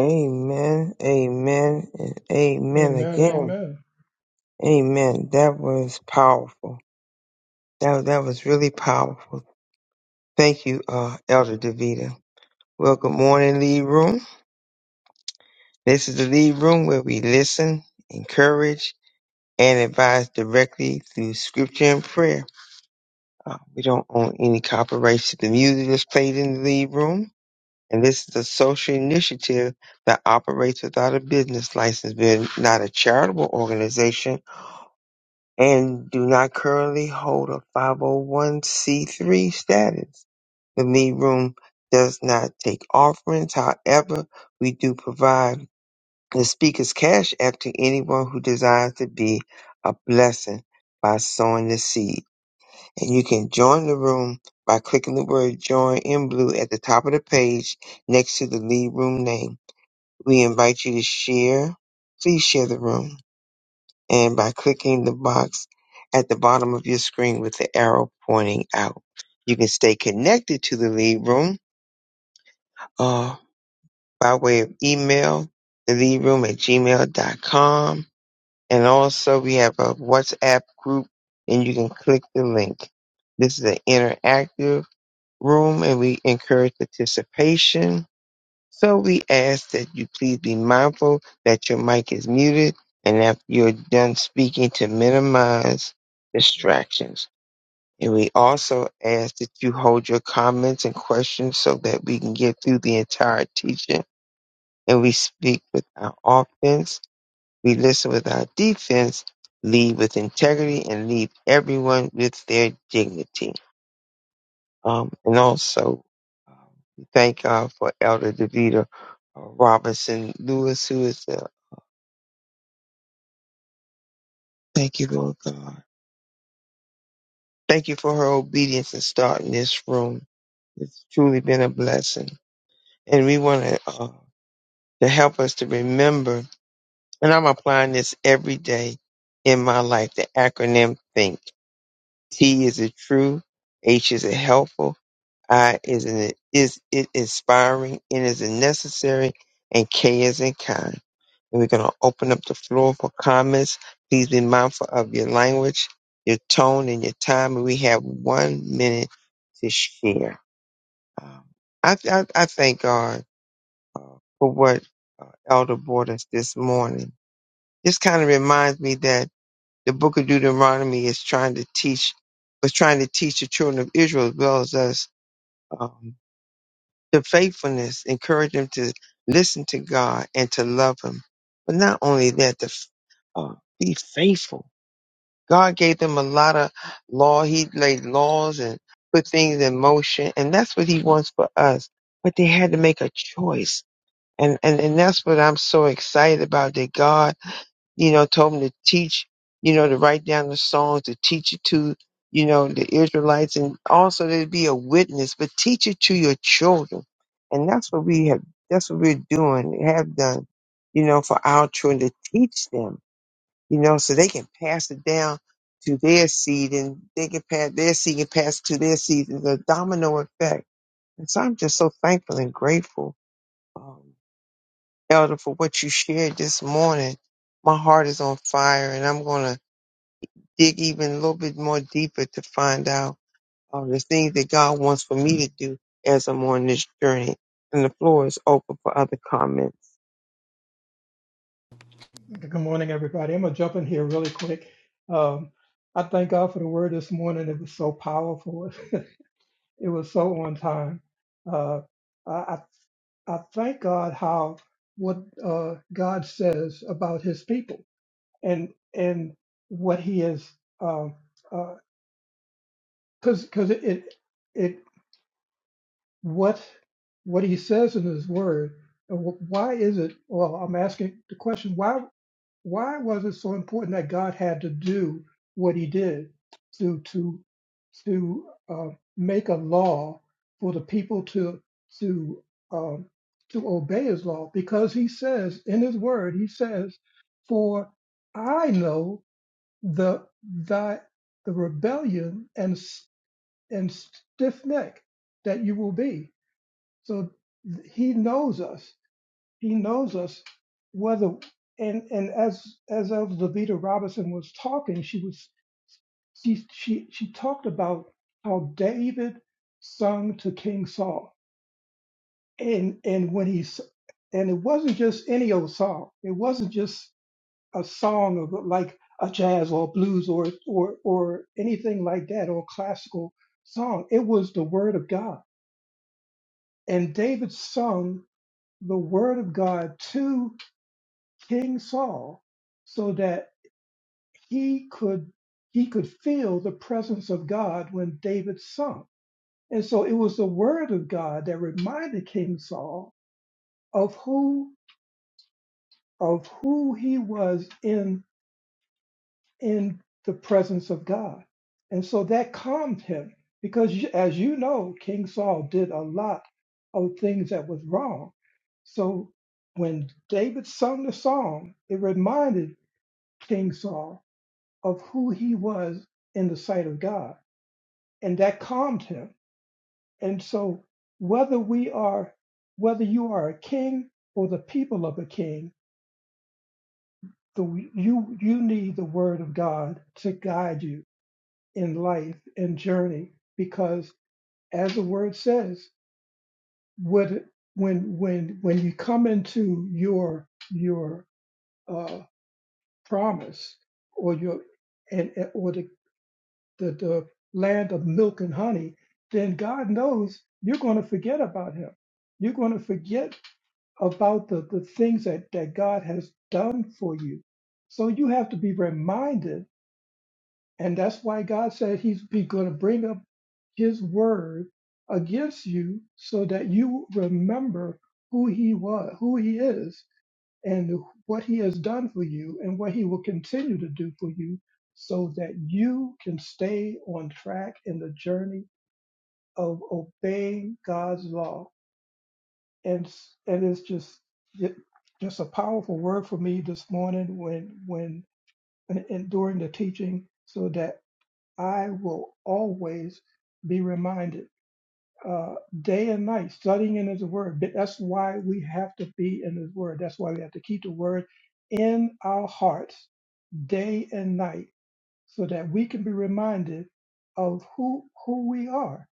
B: Amen, amen, and amen
C: Amen.
B: again.
C: Amen.
B: Amen. That was powerful. That, that was really powerful. Thank you, uh, Elder Davida. Well, good morning, lead room. This is the lead room where we listen, encourage, and advise directly through scripture and prayer. Uh, we don't own any copyrights to the music that's played in the lead room. and this is a social initiative that operates without a business license, being not a charitable organization, and do not currently hold a 501c3 status. The lead room does not take offerings. However, we do provide the speaker's cash app to anyone who desires to be a blessing by sowing the seed. And you can join the room by clicking the word join in blue at the top of the page next to the lead room name. We invite you to share. Please share the room. And by clicking the box at the bottom of your screen with the arrow pointing out, you can stay connected to the lead room uh, by way of email, the lead room at gmail dot com, And also, we have a WhatsApp group, and you can click the link. This is an interactive room, and we encourage participation So we ask that you please be mindful that your mic is muted and after you're done speaking to minimize distractions. And we also ask that you hold your comments and questions so that we can get through the entire teaching and we speak with our offense, we listen with our defense, lead with integrity, and leave everyone with their dignity. Um, and also, um, we thank God for Elder Davida uh, Robinson Lewis, who is the thank you, Lord God. Thank you for her obedience in starting this room. It's truly been a blessing. And we want to, uh, to help us to remember, and I'm applying this every day in my life, the acronym THINK. T is a true, H is a helpful, I is an, is it inspiring, it is in necessary, and K is in kind. And we're going to open up the floor for comments. Please be mindful of your language, your tone, and your time. And we have one minute to share. Um, I, I, I thank God uh, for what uh, Elder brought us this morning. This kind of reminds me that the book of Deuteronomy is trying to teach, was trying to teach the children of Israel as well as us. Um, the faithfulness encouraged them to listen to God and to love Him. But not only that, to f- uh, be faithful. God gave them a lot of law. He laid laws and put things in motion, and that's what He wants for us. But they had to make a choice, and and and that's what I'm so excited about. That God you know, told him to teach, you know, to write down the songs, to teach it to, you know, the Israelites, and also to be a witness, but teach it to your children. And that's what we have, that's what we're doing, have done, you know, for our children to teach them, you know, so they can pass it down to their seed and they can pass their seed and pass it to their seed. It's a domino effect. And so I'm just so thankful and grateful. Um, Elder, for what you shared this morning. My heart is on fire, and I'm going to dig even a little bit more deeper to find out uh, the things that God wants for me to do as I'm on this journey. And the floor is open for other comments.
C: Good morning, everybody. I'm going to jump in here really quick. Um, I thank God for the word this morning. It was so powerful. It was so on time. Uh, I, I I thank God how what uh, God says about His people and and what He is because uh, because it, it it what what He says in His Word. and wh- Why is it? Well, I'm asking the question. Why? why was it so important that God had to do what He did to to to uh, make a law for the people to to um, to obey His law? Because He says in His Word, He says, "For I know the thy the rebellion and s- and stiff neck that you will be." So He knows us he knows us whether and and as as Elder Davita Robinson was talking, she was she she she talked about how David sung to King Saul, and and when he s- and it wasn't just any old song. It wasn't just a song of like a jazz or blues or or or anything like that or classical song. It was the word of God, and David sung the word of God King Saul so that he could he could feel the presence of God when David sung. And so it was the word of God that reminded King Saul of who of who he was in in the presence of God. And so that calmed him because you- as you know King Saul did a lot of things that was wrong. So when David sung the song, it reminded King Saul of who he was in the sight of God. And that calmed him. And so whether we are whether you are a king or the people of a king, the, you you need the word of God to guide you in life and journey because as the word says, what when when when you come into your your uh, promise or your and or the the, the land of milk and honey, then God knows you're going to forget about him. You're going to forget about the, the things that, that God has done for you. So you have to be reminded. And that's why God said he's going to bring up his word against you so that you remember who he was, who he is, and what he has done for you and what he will continue to do for you so that you can stay on track in the journey of obeying God's law. And, and it's just, it- just a powerful word for me this morning when, when, and, and during the teaching so that I will always be reminded, uh, day and night studying in his word. But That's why we have to be in his word. That's why we have to keep the word in our hearts day and night so that we can be reminded of who who we are.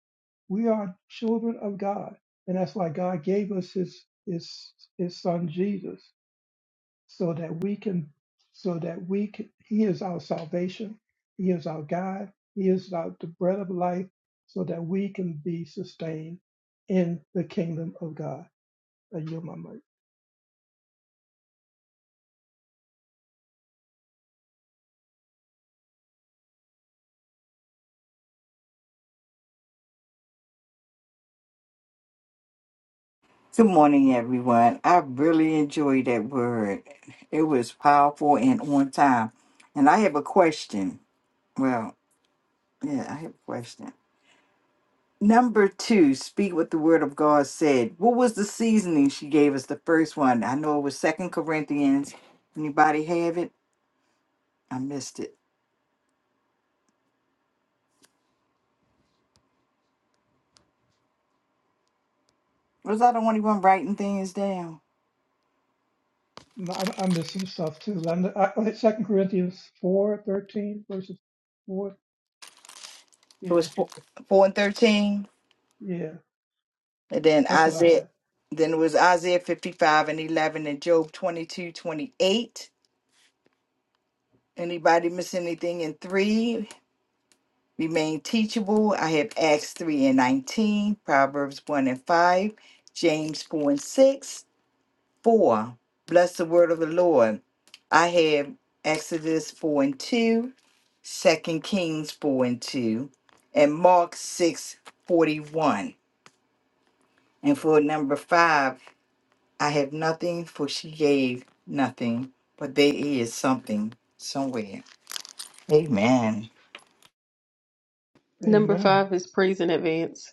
C: We are children of God. And that's why God gave us his his his son Jesus so that we can so that we can he is our salvation. He is our God. He is our the bread of life so that we can be sustained in the kingdom of God. I yield my mic.
E: Good morning, everyone. I really enjoyed that word. It was powerful and on time. And I have a question. Well, yeah, I have a question. Number two, speak what the word of God said. What was the seasoning she gave us? The first one. I know it was Second Corinthians. Anybody have it? I missed it. Was I the only one writing things down?
C: I, I missed some stuff too. I, I, 2 Corinthians four thirteen verses 4.
E: It
C: yeah.
E: was four, four and thirteen.
C: Yeah,
E: And then
C: that's what I
E: Isaiah
C: have.
E: then it was Isaiah 55 and 11 and Job 22 28. Anybody miss anything in three? Remain teachable. I have Acts 3 and 19, Proverbs 1 and 5, James 4 and 6. 4. Bless the word of the Lord. I have Exodus 4 and 2, Second Kings 4 and 2, and Mark 6 41. And for number 5, I have nothing, for she gave nothing, but there is something somewhere. Amen.
A: Number
C: Amen.
A: five is praise in advance.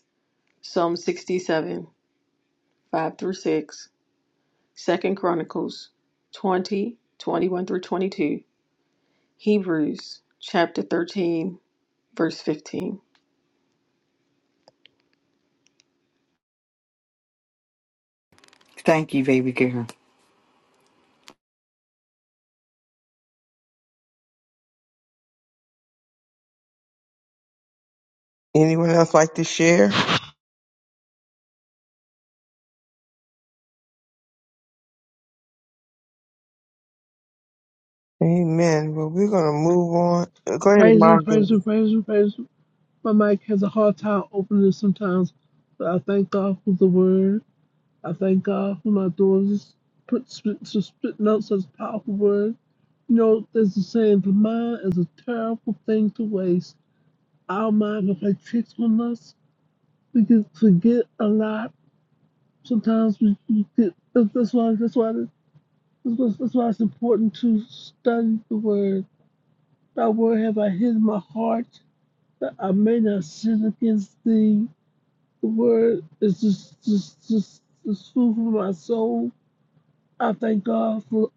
A: Psalm 67, 5 through 6. Second Chronicles 20, 21 through 22. Hebrews chapter 13, verse 15.
E: Thank you, baby girl.
B: Anyone else like to share? Amen. Well, we're going to move on. Uh, Go ahead,
F: Praise Him,
B: Mom.
F: praise
B: Debbie.
F: Him, praise Him, praise Him. My mic has a hard time opening sometimes, but I thank God for the word. I thank God for my daughters. Put spit, so spitting out such powerful word. You know, there's a saying, the mind is a terrible thing to waste. Our mind will play tricks on us. We can forget a lot. Sometimes we, we get, that's that's why, that's why, that's why that's why it's important to study the word. Thy word have I hid in my heart But I may not sin against the word. It's just just just just food for my soul. I thank God for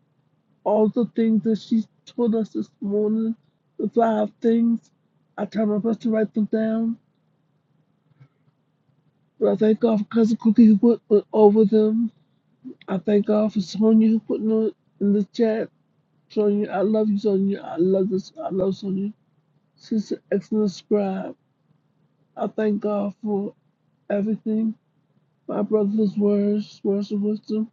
F: all the things that she told us this morning. The five things. I tried my best to write them down. But I thank God for Cousin Cookie who put, put over them. I thank God for Sonya who put them in the chat. Sonya, I love you, Sonya. I love this. I love Sonya. She's an excellent scribe. I thank God for everything. My brother's words, words of wisdom.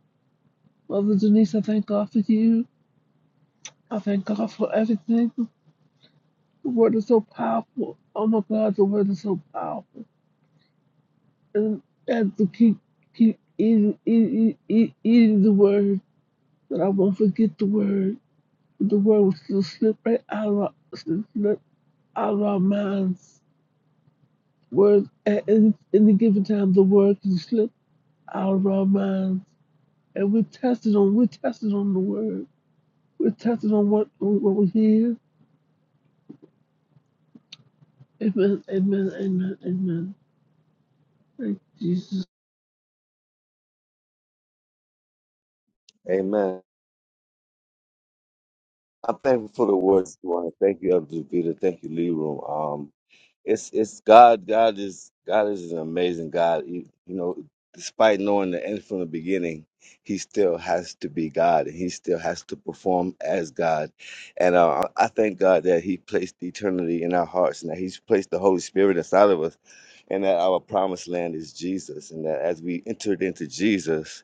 F: Mother Denise, I thank God for you. I thank God for everything. The word is so powerful. Oh my God, the word is so powerful. And I have to keep, keep eating, eating, eating, eating the word, that I won't forget the word. The word will still slip right out of our, slip out of our minds. Words at any, any given time, the word can slip out of our minds. And we're tested on, we're tested on the word. We're tested on what what we hear. Amen. Amen. Amen. Amen. Thank Jesus.
D: Amen. I'm thankful for the words, Duane. Thank you, Elder Peter. Thank you, Leroy. Um, it's it's God. God is God is an amazing God. You, you know, despite knowing the end from the beginning, He still has to be God, and He still has to perform as God. And uh, I I thank God that He placed eternity in our hearts, and that He's placed the Holy Spirit inside of us, and that our promised land is Jesus, and that as we entered into Jesus,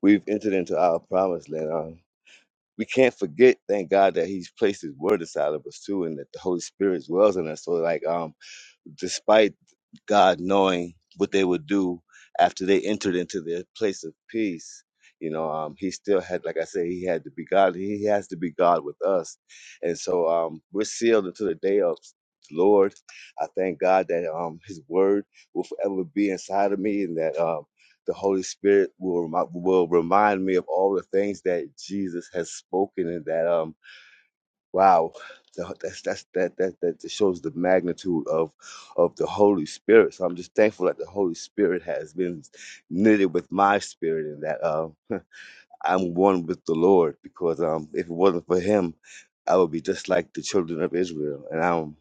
D: we've entered into our promised land. Um, we can't forget, thank God, that He's placed His Word inside of us too, and that the Holy Spirit dwells in us. So, like, um, despite God knowing what they would do after they entered into their place of peace. You know, um, he still had, like I say, he had to be God. He has to be God with us, and so um, we're sealed until the day of the Lord. I thank God that um, His Word will forever be inside of me, and that um, the Holy Spirit will remi- will remind me of all the things that Jesus has spoken, and that um, Wow, The- that's that's that that that just shows the magnitude of of the Holy Spirit. So I'm just thankful that the Holy Spirit has been knitted with my spirit, and that uh, I'm one with the Lord. Because um, if it wasn't for Him, I would be just like the children of Israel. And I'm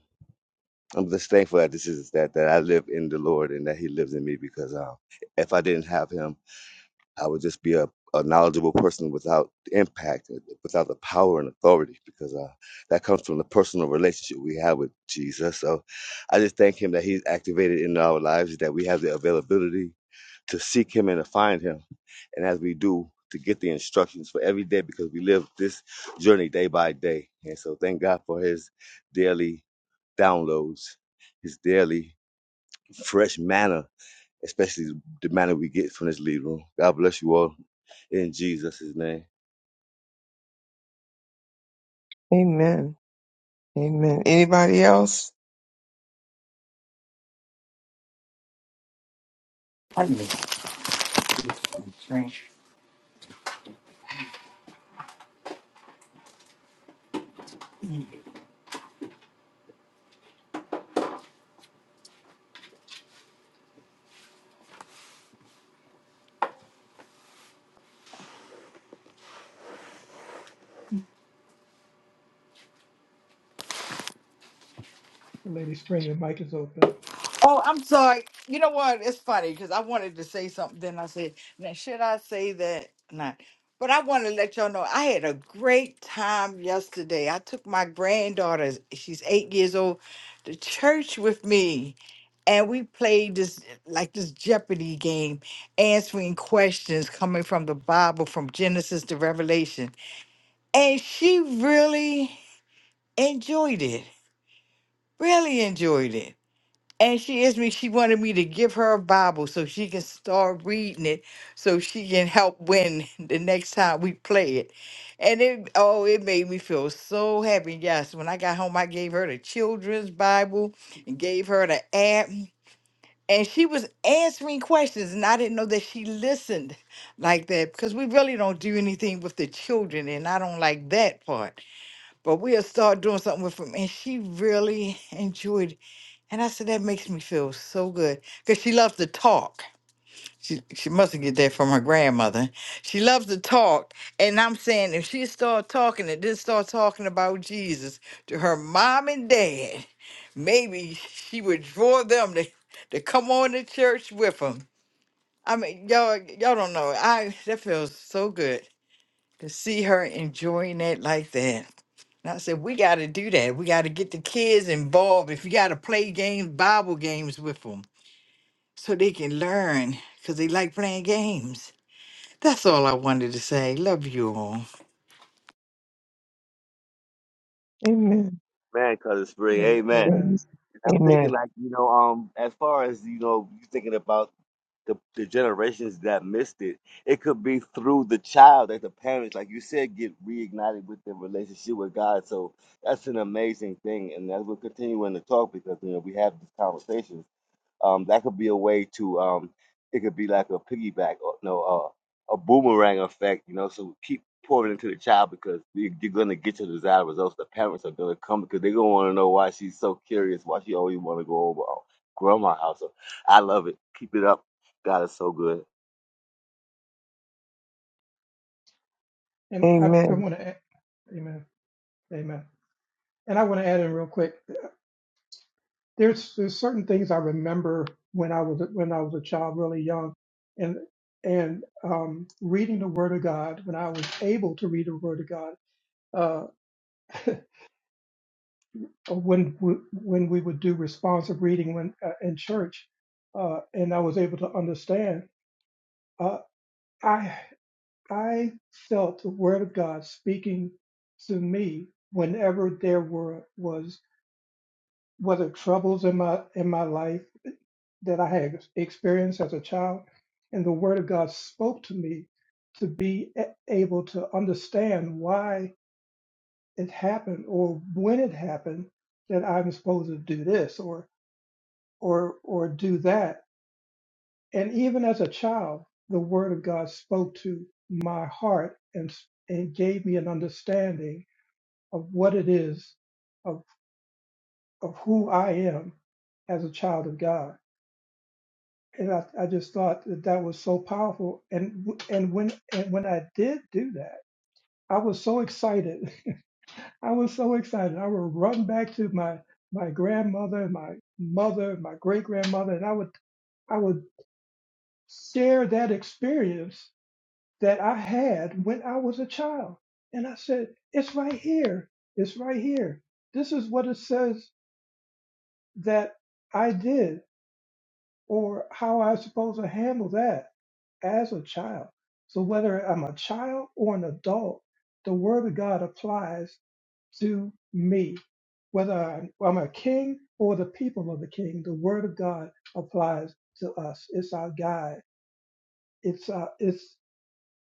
D: I'm just thankful that this is that that I live in the Lord and that He lives in me. Because um, if I didn't have Him. I would just be a, a knowledgeable person without the impact, uh, without the power and authority, because uh, that comes from the personal relationship we have with Jesus. So I just thank Him that He's activated in our lives, that we have the availability to seek Him and to find Him. And as we do, to get the instructions for every day, because we live this journey day by day. And so thank God for His daily downloads, His daily fresh manna, especially the manna we get from this lead room. God bless you all in Jesus' name.
B: Amen. Amen. Anybody else?
E: Pardon me. Strange.
C: Lady Spring, your mic is open.
E: Oh, I'm sorry. You know what? It's funny because I wanted to say something. Then I said, now, should I say that? Not. But I want to let y'all know I had a great time yesterday. I took my granddaughter, she's eight years old, to church with me. And we played this like this Jeopardy game, answering questions coming from the Bible from Genesis to Revelation. And she really enjoyed it. Really enjoyed it. And she asked me, she wanted me to give her a Bible so she can start reading it so she can help win the next time we play it. And it, oh, it made me feel so happy. Yes, when I got home, I gave her the children's Bible and gave her the app. And she was answering questions, and I didn't know that she listened like that because we really don't do anything with the children, and I don't like that part. But we'll start doing something with them. And she really enjoyed and I said, that makes me feel so good because she loves to talk. She, she must get that from her grandmother. She loves to talk. And I'm saying, if she start talking and then start talking about Jesus to her mom and dad, maybe she would draw them to, to come on to church with them. I mean, y'all, y'all don't know. I that feels so good to see her enjoying it like that. And I said, we got to do that. We got to get the kids involved. If you got to play games, Bible games with 'em so they can learn because they like playing games. That's all I wanted to say. Love you all.
B: Amen.
D: Man, cause it's spring,
C: Am-
D: amen.
C: Amen.
D: And I'm thinking
B: Amen.
D: like, you know, um, as far as, you know, you thinking about the, the generations that missed it, it could be through the child that the parents, like you said, get reignited with their relationship with God. So that's an amazing thing. And as we're continuing to talk because you know we have these conversations. Um, that could be a way to. Um, it could be like a piggyback or no, uh, a boomerang effect. You know, so keep pouring into the child because you- you're gonna get your desired results. The parents are gonna come because they're gonna want to know why she's so curious, why she always want to go over oh, grandma house. So I love it. Keep it up. God is so good.
C: And I,
B: Amen.
C: I want to add, amen, amen. And I want to add in real quick. There's there's certain things I remember when I was when I was a child, really young, and and um, reading the Word of God when I was able to read the Word of God. Uh, uh, when we, when we would do responsive reading when uh, in church, uh, and I was able to understand. Uh, I felt the Word of God speaking to me whenever there were was whether troubles in my in my life that I had experienced as a child, and the Word of God spoke to me to be a- able to understand why it happened or when it happened that I'm supposed to do this or or or do that. And even as a child, the Word of God spoke to my heart and s- and gave me an understanding of what it is, of, of who I am as a child of God. And I, I just thought that that was so powerful. And w- and when and when I did do that, I was so excited. I was so excited. I would run back to my my grandmother, my mother, my great grandmother, and I would I would share that experience that I had when I was a child. And I said, it's right here. It's right here. This is what it says that I did. or how I'm supposed to handle that as a child. So whether I'm a child or an adult, the word of God applies to me. Whether I'm I'm a king or the people of the king, the word of God applies to us. It's our guide. It's our it's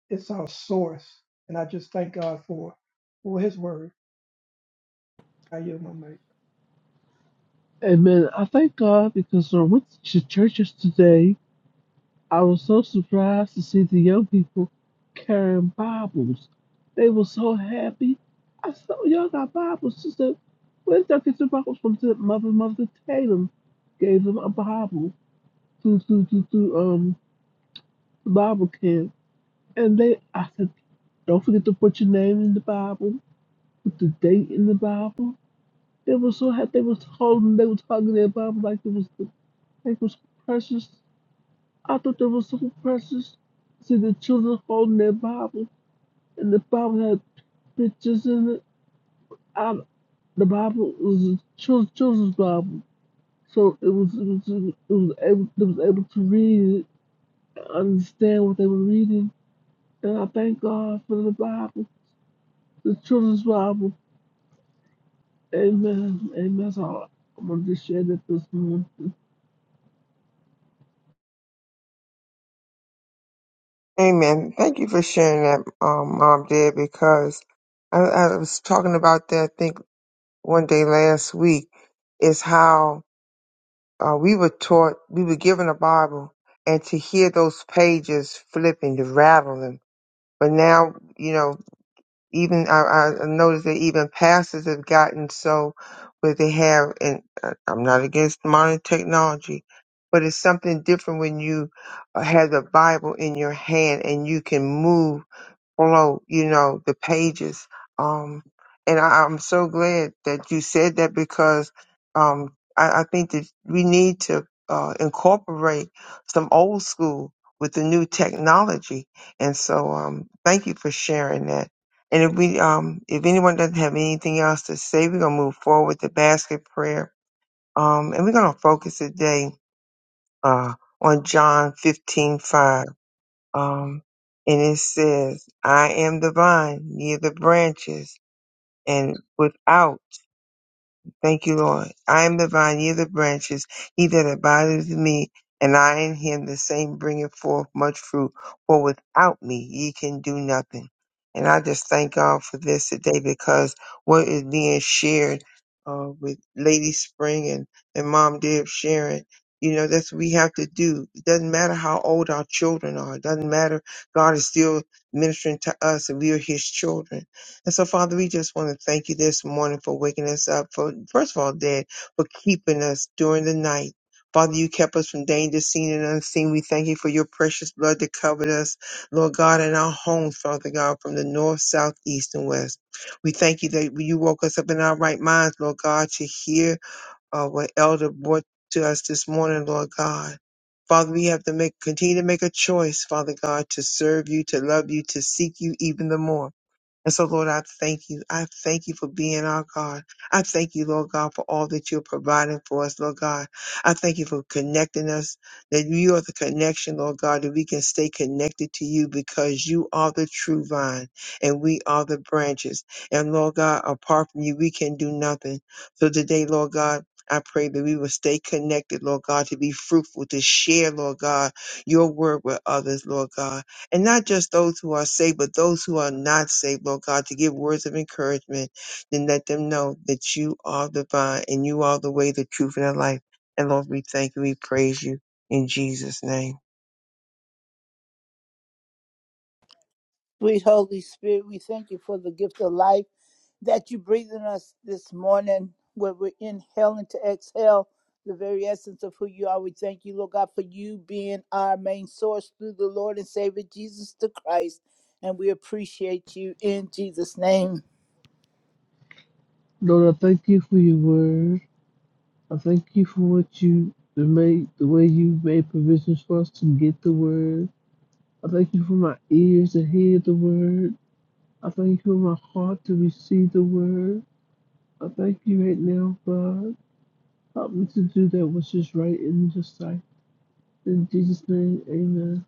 C: it's our source. And I just thank God for for His word. I yield my mic.
F: Amen. I thank God because when I went to churches today, I was so surprised to see the young people carrying Bibles. They were so happy. I said, oh, y'all got Bibles. She said, where did y'all get your Bibles from? She said, Mother, Mother Tatum gave them a Bible through, through, through, through um, the Bible camp. And they, I said, don't forget to put your name in the Bible with the date in the Bible. They were so happy. They was holding. They was hugging their Bible like it was like it was precious. I thought that was so precious. See the children holding their Bible, and the Bible had pictures in it. I, the Bible was a chil- children's Bible, so it was it was it was able it was able to read it, understand what they were reading. And I thank God for the Bible, the children's Bible. Amen. Amen. That's all I'm gonna share that this morning.
B: Amen. Thank you for sharing that, um, Mom, Dad, because I, I was talking about that, I think, one day last week, is how uh, we were taught, we were given a Bible, and to hear those pages flipping, to rattle them. But now, you know, even I, I noticed that even pastors have gotten so where they have, and uh, I'm not against modern technology, but it's something different when you uh, have the Bible in your hand and you can move below, you know, the pages. Um, and I, I'm so glad that you said that because um, I, I think that we need to uh, incorporate some old school with the new technology. And so, um, thank you for sharing that. And if we, um, if anyone doesn't have anything else to say, we're gonna move forward with the basket prayer. Um, and we're gonna focus today uh, on John 15:5 um, and it says, I am the vine, ye the branches, and without Thank you, Lord. I am the vine, ye the branches. He that abideth in me, and I in him, the same bringeth forth much fruit. For without me, ye can do nothing. And I just thank God for this today because what is being shared uh, with Lady Spring and, and Mom Deb sharing, you know, that's what we have to do. It doesn't matter how old our children are. It doesn't matter. God is still ministering to us and we are his children. And so, Father, we just want to thank you this morning for waking us up, for first of all, Dad, for keeping us during the night. Father, you kept us from danger seen and unseen. We thank you for your precious blood that covered us, Lord God, in our homes, Father God, from the north, south, east, and west. We thank you that you woke us up in our right minds, Lord God, to hear uh, what Elder brought to us this morning, Lord God. Father, we have to make continue to make a choice, Father God, to serve you, to love you, to seek you even the more. And so, Lord, I thank you. I thank you for being our God. I thank you, Lord God, for all that you're providing for us, Lord God. I thank you for connecting us, that you are the connection, Lord God, that we can stay connected to you because you are the true vine and we are the branches. And Lord God, apart from you, we can do nothing. So today, Lord God, I pray that we will stay connected, Lord God, to be fruitful, to share, Lord God, your word with others, Lord God and not just those who are saved, but those who are not saved, Lord God, to give words of encouragement then let them know that you are divine and you are the way, the truth, and the life. And Lord, we thank you, we praise you in Jesus' name.
G: Sweet Holy Spirit, we thank you for the gift of life that you breathe in us this morning, where we're inhaling to exhale the very essence of who you are. We thank you, Lord God, for you being our main source through the Lord and Savior Jesus the Christ. And we appreciate you in Jesus' name.
F: Lord, I thank you for your word. I thank you for what you made, the way you made provisions for us to get the word. I thank you for my ears to hear the word. I thank you for my heart to receive the word. I thank you right now, God. Help me to do that which is right and just right. In Jesus' name, amen.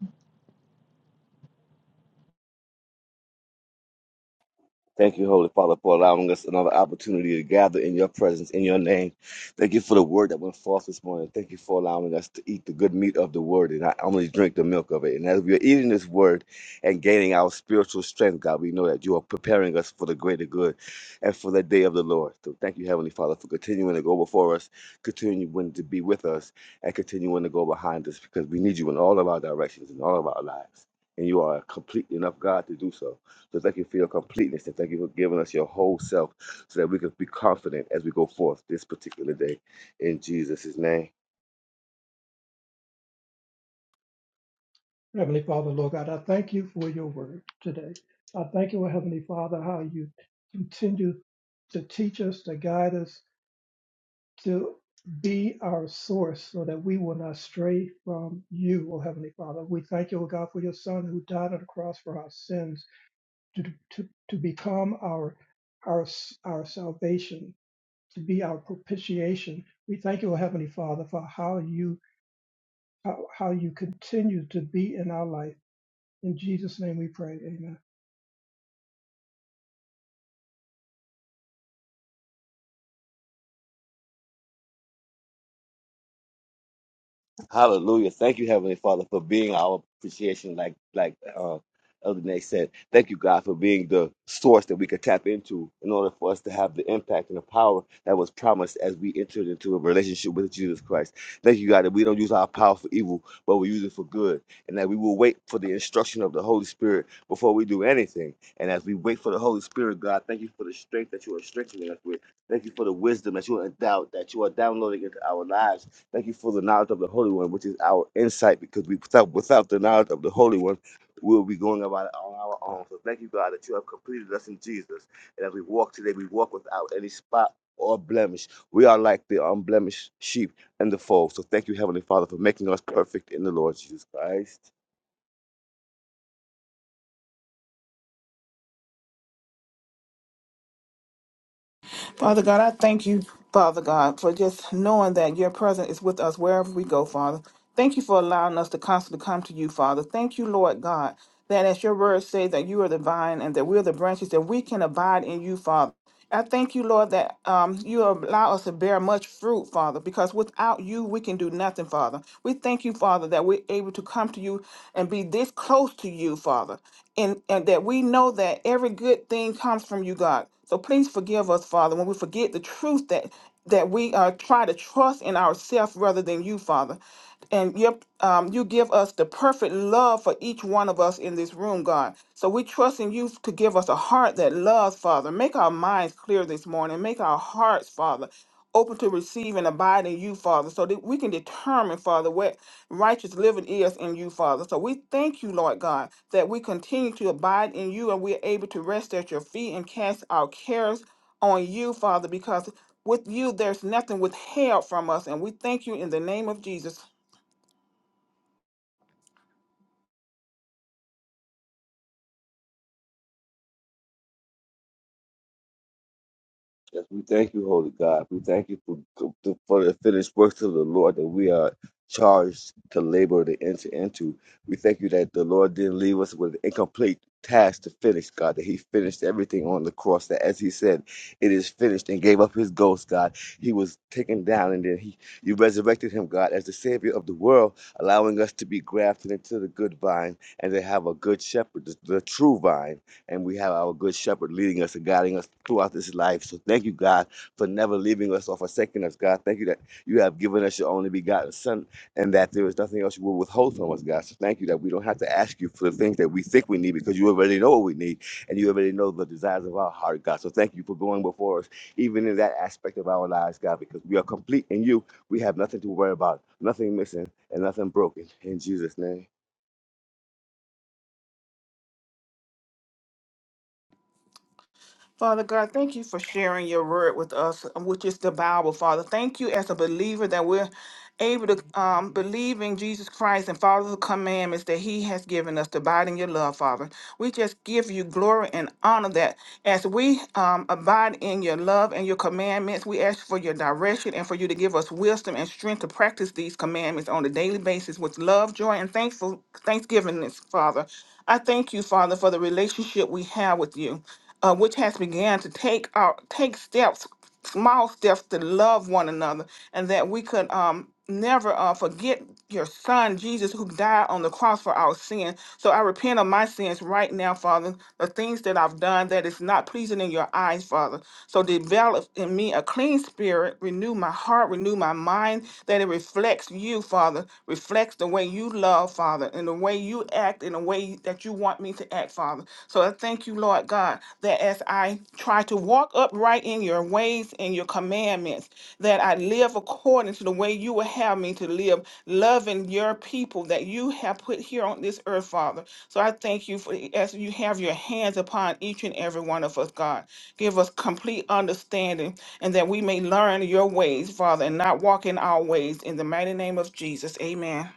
D: Thank you, Holy Father, for allowing us another opportunity to gather in your presence, in your name. Thank you for the word that went forth this morning. Thank you for allowing us to eat the good meat of the word and not only drink the milk of it. And as we are eating this word and gaining our spiritual strength, God, we know that you are preparing us for the greater good and for the day of the Lord. So thank you, Heavenly Father, for continuing to go before us, continuing to be with us, and continuing to go behind us because we need you in all of our directions, in all of our lives. And you are a complete enough God to do so. So thank you for your completeness and thank you for giving us your whole self so that we can be confident as we go forth this particular day. In Jesus' name.
C: Heavenly Father, Lord God, I thank you for your word today. I thank you, Heavenly Father, how you continue to teach us, to guide us, to be our source so that we will not stray from you, O Heavenly Father. We thank you, O God, for your Son who died on the cross for our sins, to, to, to become our, our, our salvation, to be our propitiation. We thank you, O Heavenly Father, for how you, how, how you continue to be in our life. In Jesus' name we pray. Amen.
D: Hallelujah. Thank you, Heavenly Father, for being our appreciation, like like uh Elder Nate said. Thank you, God, for being the source that we could tap into in order for us to have the impact and the power that was promised as we entered into a relationship with Jesus Christ. Thank you, God, that we don't use our power for evil, but we use it for good, and that we will wait for the instruction of the Holy Spirit before we do anything. And as we wait for the Holy Spirit, God, thank you for the strength that you are strengthening us with. Thank you for the wisdom that you are endowed, that you are downloading into our lives Thank you for the knowledge of the Holy One, which is our insight, because we without, without the knowledge of the Holy One, we'll be going about it on our own. So thank you, God, that you have completed us in Jesus. And as we walk today, we walk without any spot or blemish. We are like the unblemished sheep in the fold. So thank you, Heavenly Father, for making us perfect in the Lord Jesus Christ.
H: Father God, I thank you, Father God, for just knowing that your presence is with us wherever we go, Father. Thank you for allowing us to constantly come to you, Father. Thank you, Lord God, that as your words say that you are the vine and that we're the branches, that we can abide in you, Father. I thank you, Lord, that um, you allow us to bear much fruit, Father, because without you, we can do nothing, Father. We thank you, Father, that we're able to come to you and be this close to you, Father, and, and that we know that every good thing comes from you, God. So please forgive us, Father, when we forget the truth that that we uh, try to trust in ourselves rather than you, Father. And you, um, you give us the perfect love for each one of us in this room, God. So we trust in you to give us a heart that loves, Father. Make our minds clear this morning. Make our hearts, Father open to receive and abide in you, Father, so that we can determine, Father, what righteous living is in you, Father. So we thank you, Lord God, that we continue to abide in you and we're able to rest at your feet and cast our cares on you, Father, because with you there's nothing withheld from us. And we thank you in the name of Jesus
D: Yes, we thank you, Holy God. We thank you for, for the finished works of the Lord that we are charged to labor to enter into. We thank you that the Lord didn't leave us with an incomplete task to finish, God, that He finished everything on the cross, that as He said, it is finished and gave up His ghost, God. He was taken down and then He you resurrected Him, God, as the Savior of the world, allowing us to be grafted into the good vine and to have a good shepherd, the, the true vine and we have our good shepherd leading us and guiding us throughout this life. So thank you, God, for never leaving us or forsaking us, God. Thank you that you have given us your only begotten Son and that there is nothing else you will withhold from us, God. So thank you that we don't have to ask you for the things that we think we need because you already know what we need and you already know the desires of our heart, God. So thank you for going before us, even in that aspect of our lives, God, because we are complete in you. We have nothing to worry about, nothing missing, and nothing broken. In Jesus' name.
H: Father God, thank you for sharing your word with us, um, which is the Bible, Father. Thank you as a believer that we're able to um, believe in Jesus Christ and follow the commandments that he has given us to abide in your love, Father. We just give you glory and honor that as we um, abide in your love and your commandments, we ask for your direction and for you to give us wisdom and strength to practice these commandments on a daily basis with love, joy, and thankful thanksgivingness, Father. I thank you, Father, for the relationship we have with you uh, which has began to take our take steps, small steps to love one another, and that we could um never uh, forget your son Jesus who died on the cross for our sin. So I repent of my sins right now, Father, the things that I've done that is not pleasing in your eyes, Father. So develop in me a clean spirit, renew my heart, renew my mind, that it reflects you, Father. Father, reflects the way you love, Father, and the way you act and the way that you want me to act, Father. So I thank you, Lord God, that as I try to walk upright in your ways and your commandments, that I live according to the way you would have me to live, loving your people that you have put here on this earth, Father. So I thank you for as you have your hands upon each and every one of us, God. Give us complete understanding and that we may learn your ways, Father, and not walk in our ways. In the mighty name of Jesus, amen.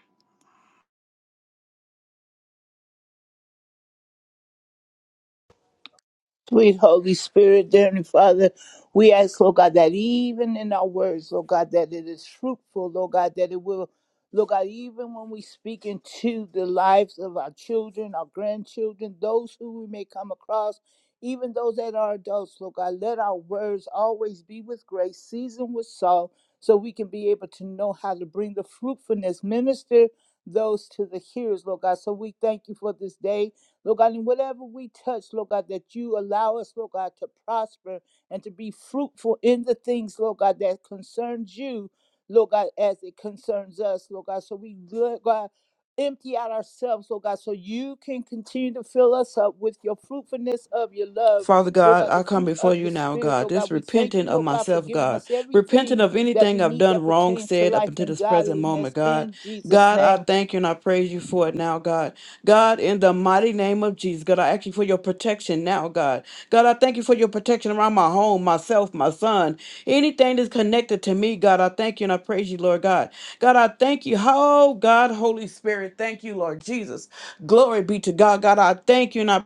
G: Sweet Holy Spirit, dear Heavenly Father, we ask, Lord God, that even in our words, Lord God, that it is fruitful, Lord God, that it will, Lord God, even when we speak into the lives of our children, our grandchildren, those who we may come across, even those that are adults, Lord God, let our words always be with grace, seasoned with salt, so we can be able to know how to bring the fruitfulness, minister those to the hearers, Lord God. So we thank you for this day. Lord God, and whatever we touch, Lord God, that you allow us, Lord God, to prosper and to be fruitful in the things, Lord God, that concerns you, Lord God, as it concerns us, Lord God. So we, Lord God, empty out ourselves, Lord God, so you can continue to fill us up with your fruitfulness of your love.
I: Father
G: Lord
I: God,
G: God, the
I: I come
G: fruit
I: before
G: of
I: you
G: the
I: now,
G: Spirit,
I: God,
G: Lord
I: just
G: God, we thank
I: repenting
G: you,
I: of
G: Lord God, for
I: myself,
G: giving
I: God,
G: us
I: repenting
G: everything
I: of
G: that
I: anything
G: we
I: I've
G: need
I: done
G: that
I: wrong,
G: pertains to
I: said up
G: life
I: until
G: and
I: this present moment,
G: godliness
I: God.
G: in Jesus'
I: God, I
G: name.
I: thank you and I praise you for it now, God. God, in the mighty name of Jesus, God, I ask you for your protection now, God. God, I thank you for your protection around my home, myself, my son, anything that's connected to me, God. I thank you and I praise you, Lord God. God, I thank you. Oh, God, Holy Spirit, thank you, Lord Jesus. Glory be to God. God, I thank you and I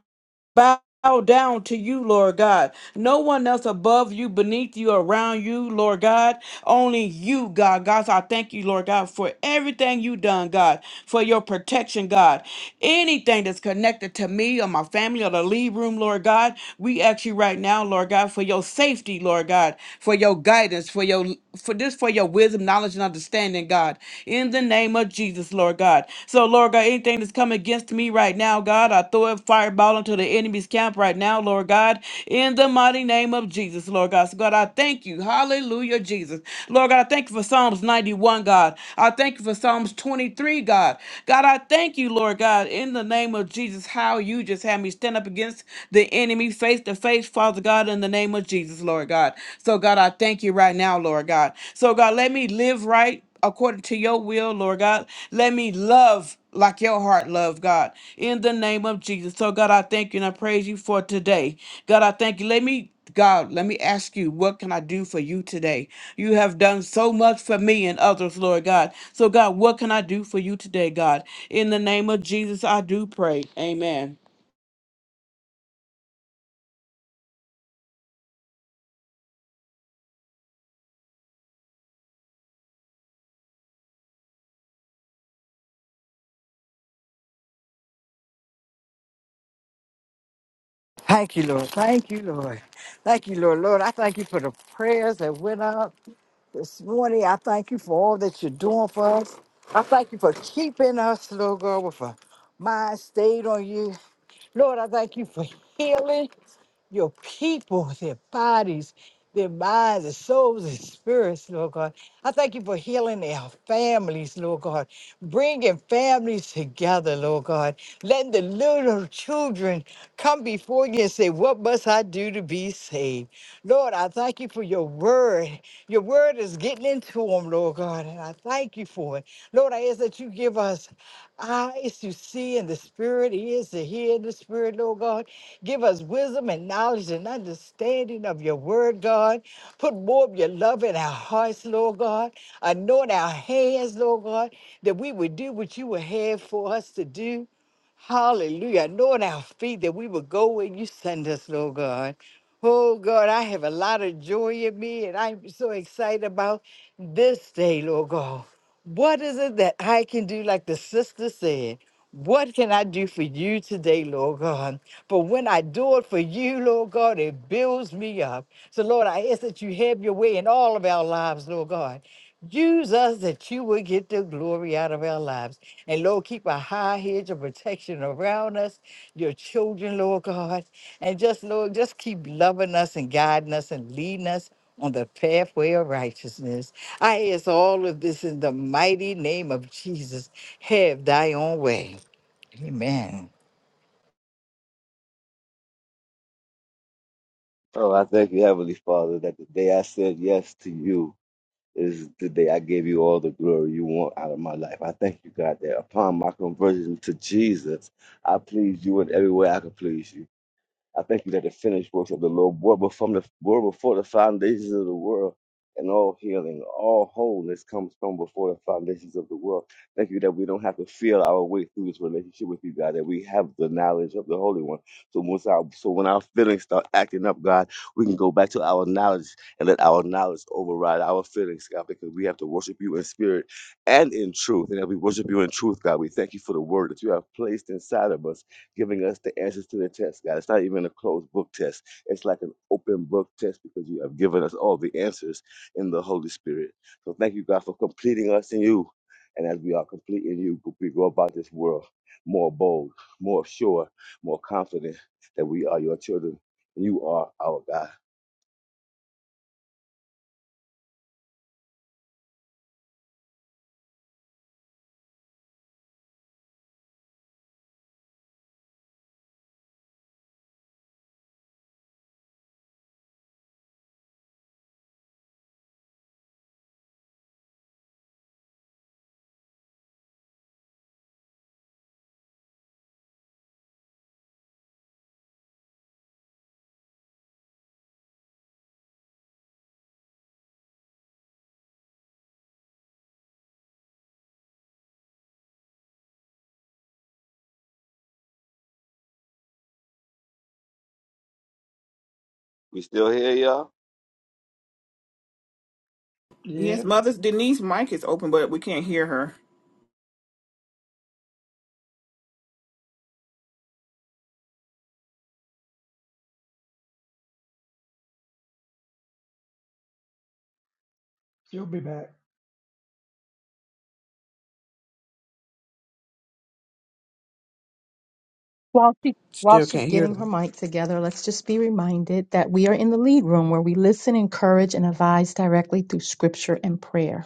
I: bow down to you, Lord God. No one else above you, beneath you, around you, Lord God. Only you, God. God, so I thank you, Lord God, for everything you done, God, for your protection, God. Anything that's connected to me or my family or the lead room, Lord God, we ask you right now, Lord God, for your safety, Lord God, for your guidance, for your for this, for your wisdom, knowledge, and understanding, God. In the name of of Jesus, Lord God. So, Lord God, anything that's come against me right now, God, I throw a fireball into the enemy's camp right now, Lord God, in the mighty name of Jesus, Lord God. So, God, I thank you. Hallelujah, Jesus. Lord God, I thank you for Psalms 91, God. I thank you for Psalms 23, God. God, I thank you, Lord God, in the name of Jesus, how you just had me stand up against the enemy face to face, Father God, in the name of Jesus, Lord God. So, God, I thank you right now, Lord God. So, God, let me live right according to your will, Lord God. Let me love like your heart love, God, in the name of Jesus. So, God, I thank you and I praise you for today. God, I thank you. Let me. God, let me ask you, what can I do for you today? You have done so much for me and others, Lord God. So, God, what can I do for you today, God? In the name of Jesus, I do pray. Amen.
E: Thank you, Lord. Thank you, Lord. Thank you, Lord. Lord, I thank you for the prayers that went up this morning. I thank you for all that you're doing for us. I thank you for keeping us, Lord God, with a mind stayed on you. Lord, I thank you for healing. your people, their bodies, their minds, their souls, and spirits, Lord God. I thank you for healing their families, Lord God, bringing families together, Lord God, letting the little children come before you and say, What must I do to be saved? Lord, I thank you for your word. Your word is getting into them, Lord God, and I thank you for it. Lord, I ask that you give us eyes to see in the spirit, ears to hear in the spirit, Lord God. Give us wisdom and knowledge and understanding of your word, God. Put more of your love in our hearts, Lord God. Anoint our hands, Lord God, that we would do what you would have for us to do. Hallelujah. Anoint our feet that we would go where you send us, Lord God. Oh God, I have a lot of joy in me and I'm so excited about this day, Lord God. What is it that I can do, like the sister said? What can I do for you today, Lord God? But when I do it for you, Lord God, it builds me up. So, Lord, I ask that you have your way in all of our lives, Lord God. Use us that you will get the glory out of our lives. And Lord, keep a high hedge of protection around us, your children, Lord God. And just, Lord, just keep loving us and guiding us and leading us on the pathway of righteousness. I ask all of this in the mighty name of Jesus. Have thy own way. Amen.
D: Oh, I thank you, Heavenly Father, that the day I said yes to you, This is the day I gave you all the glory you want out of my life. I thank you, God, that upon my conversion to Jesus, I please you in every way I could please you. I thank you that the finished works of the Lord were before the, were before the foundations of the world, and all healing, all wholeness comes from before the foundations of the world. Thank you that we don't have to feel our way through this relationship with you, God, that we have the knowledge of the Holy One. So once our, so when our feelings start acting up, God, we can go back to our knowledge and let our knowledge override our feelings, God, because we have to worship you in spirit and in truth. And as we worship you in truth, God, we thank you for the word that you have placed inside of us giving us the answers to the test, God. It's not even a closed book test. It's like an open book test because you have given us all the answers in the Holy Spirit. So thank you, God, for completing us in you. And as we are complete in you, we go about this world more bold, more sure, more confident that we are your children. and You are our God. We still here, y'all?
H: Yes,
C: Yep,
H: Mother's Denise mic is open, but we can't hear her.
C: you will be back.
J: While she while
I: Still
J: she's
I: can't hear
J: getting her
I: them.
J: mic together, let's just be reminded that we are in the lead room where we listen, encourage, and advise directly through scripture and prayer.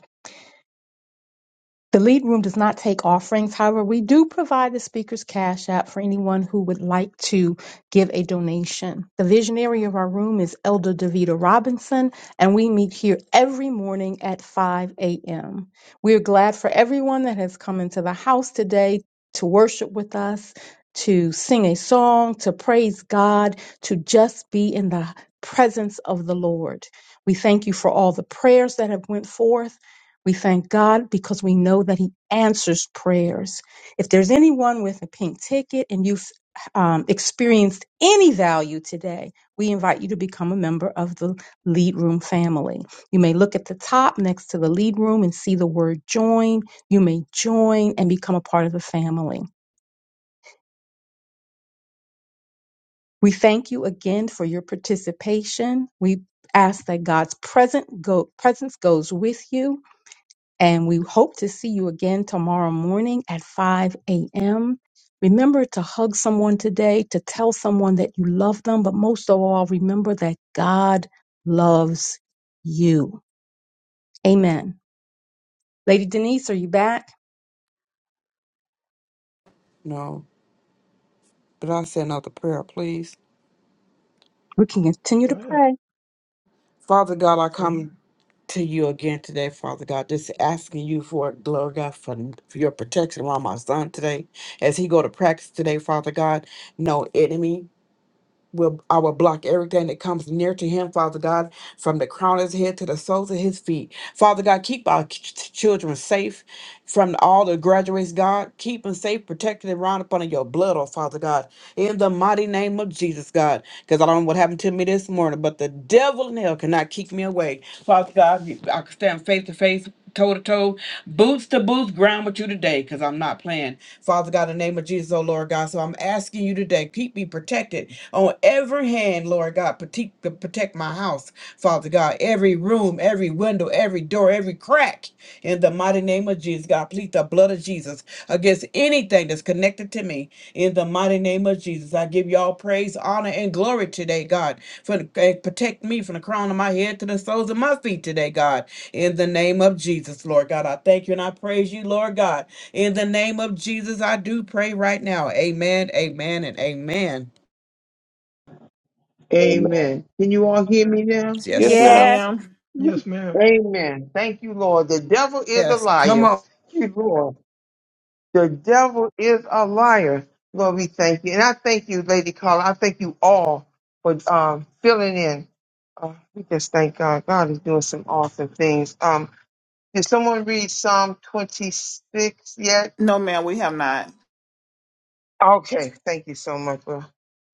J: The lead room does not take offerings. However, we do provide the speaker's cash app for anyone who would like to give a donation. The visionary of our room is Elder Davita Robinson, and we meet here every morning at 5 a.m. We are glad for everyone that has come into the house today to worship with us, to sing a song, to praise God, to just be in the presence of the Lord. We thank you for all the prayers that have went forth we thank God because we know that He answers prayers. If there's anyone with a pink ticket and you've um, experienced any value today, we invite you to become a member of the Lead Room family. You may look at the top next to the Lead Room and see the word join. You may join and become a part of the family. We thank you again for your participation. We ask that God's present go, presence goes with you And we hope to see you again tomorrow morning at 5 a.m. Remember to hug someone today, to tell someone that you love them, but most of all, remember that God loves you. Amen. Lady Denise, are you back?
I: No. But I said another prayer, please.
J: We can continue
C: Go
J: to
C: ahead.
J: pray.
I: Father God, I come
C: Amen.
I: to you again today, Father God. Just asking you for it, Lord God, for, for your protection around my son today. As he go to practice today, Father God, no enemy will I will block everything that comes near to him, Father God, from the crown of his head to the soles of his feet. Father God, keep our ch- ch- children safe from all the graduates, God. Keep them safe, protected and round upon in your blood, oh Father God. In the mighty name of Jesus, God. Because I don't know what happened to me this morning, but the devil in hell cannot keep me away. Father God, I can stand face to face, toe to toe, boots to boots, ground with you today, because I'm not playing. Father God, in the name of Jesus, oh Lord God. So I'm asking you today, keep me protected on every hand, Lord God. Protect, protect my house, Father God. Every room, every window, every door, every crack. In the mighty name of Jesus, God, plead the blood of Jesus against anything that's connected to me. In the mighty name of Jesus, I give you all praise, honor, and glory today, God. For the, eh, protect me from the crown of my head to the soles of my feet today, God. In the name of Jesus, Lord God, I thank you and I praise you, Lord God. In the name of Jesus, I do pray right now. Amen, amen, and amen.
D: Amen.
B: Amen. Can you all hear me now?
D: Yes,
H: Yes,
I: Yes,
D: ma'am.
J: Yeah,
H: ma'am.
C: Yes, ma'am.
B: Amen. Thank you, Lord. The devil is a
I: yes. Come
B: liar. Thank
I: on,
B: you, Lord. The devil is a liar. Lord, we thank you. And I thank you, Lady Carla. I thank you all for um, filling in. Uh, we just thank God. God is doing some awesome things. Um, did someone read Psalm 26 yet?
H: No, ma'am, we have not.
B: Okay. Thank you so much. Lord.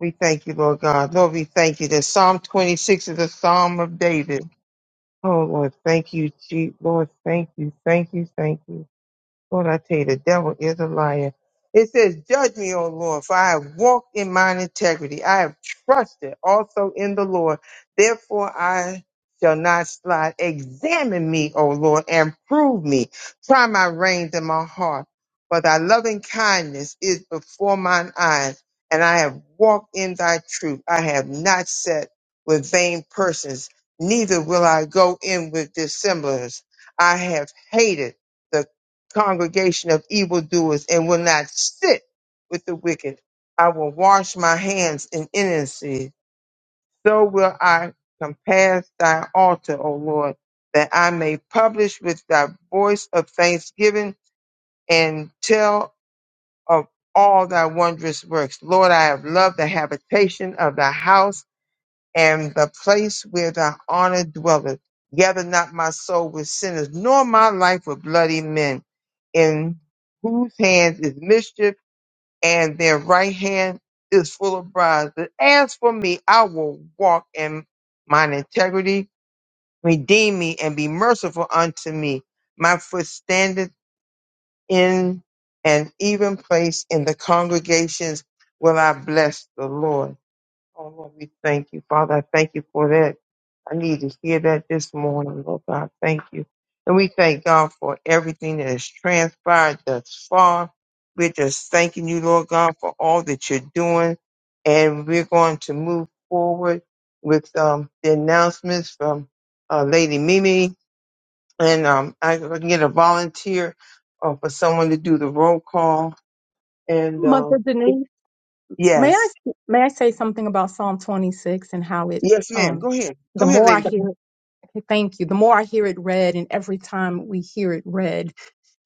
B: We thank you, Lord God. Lord, we thank you that Psalm 26 is a psalm of David. Oh, Lord, thank you, Jesus. Lord, thank you, thank you, thank you. Lord, I tell you, the devil is a liar. It says, Judge me, O Lord, for I have walked in mine integrity. I have trusted also in the Lord. Therefore, I shall not slide. Examine me, O Lord, and prove me. Try my reins and my heart. For thy loving kindness is before mine eyes, and I have walked in thy truth. I have not sat with vain persons, neither will I go in with dissemblers. I have hated congregation of evildoers and will not sit with the wicked. I will wash my hands in innocency. So will I compass thy altar, O Lord, that I may publish with thy voice of thanksgiving and tell of all thy wondrous works. Lord, I have loved the habitation of thy house and the place where thy honor dwelleth. Gather not my soul with sinners, nor my life with bloody men, in whose hands is mischief, and their right hand is full of bribes. But as for me, I will walk in mine integrity. Redeem me and be merciful unto me. My foot standeth in an even place in the congregations will I bless the Lord. Oh Lord, we thank you, Father. I thank you for that. I need to hear that this morning, Lord God. Thank you. And we thank God for everything that has transpired thus far. We're just thanking you, Lord God, for all that you're doing. And we're going to move forward with um, the announcements from uh, Lady Mimi. And um, I can get a volunteer uh, for someone to do the roll call. And
J: Mother
B: um,
J: Denise. May I
B: yes,
J: may I say something about Psalm 26 and how it
B: yes, ma'am.
J: um
B: Go ahead.
J: the
B: Go ahead,
J: more I
B: Lady.
J: hear it, thank you, the more I hear it read and every time we hear it read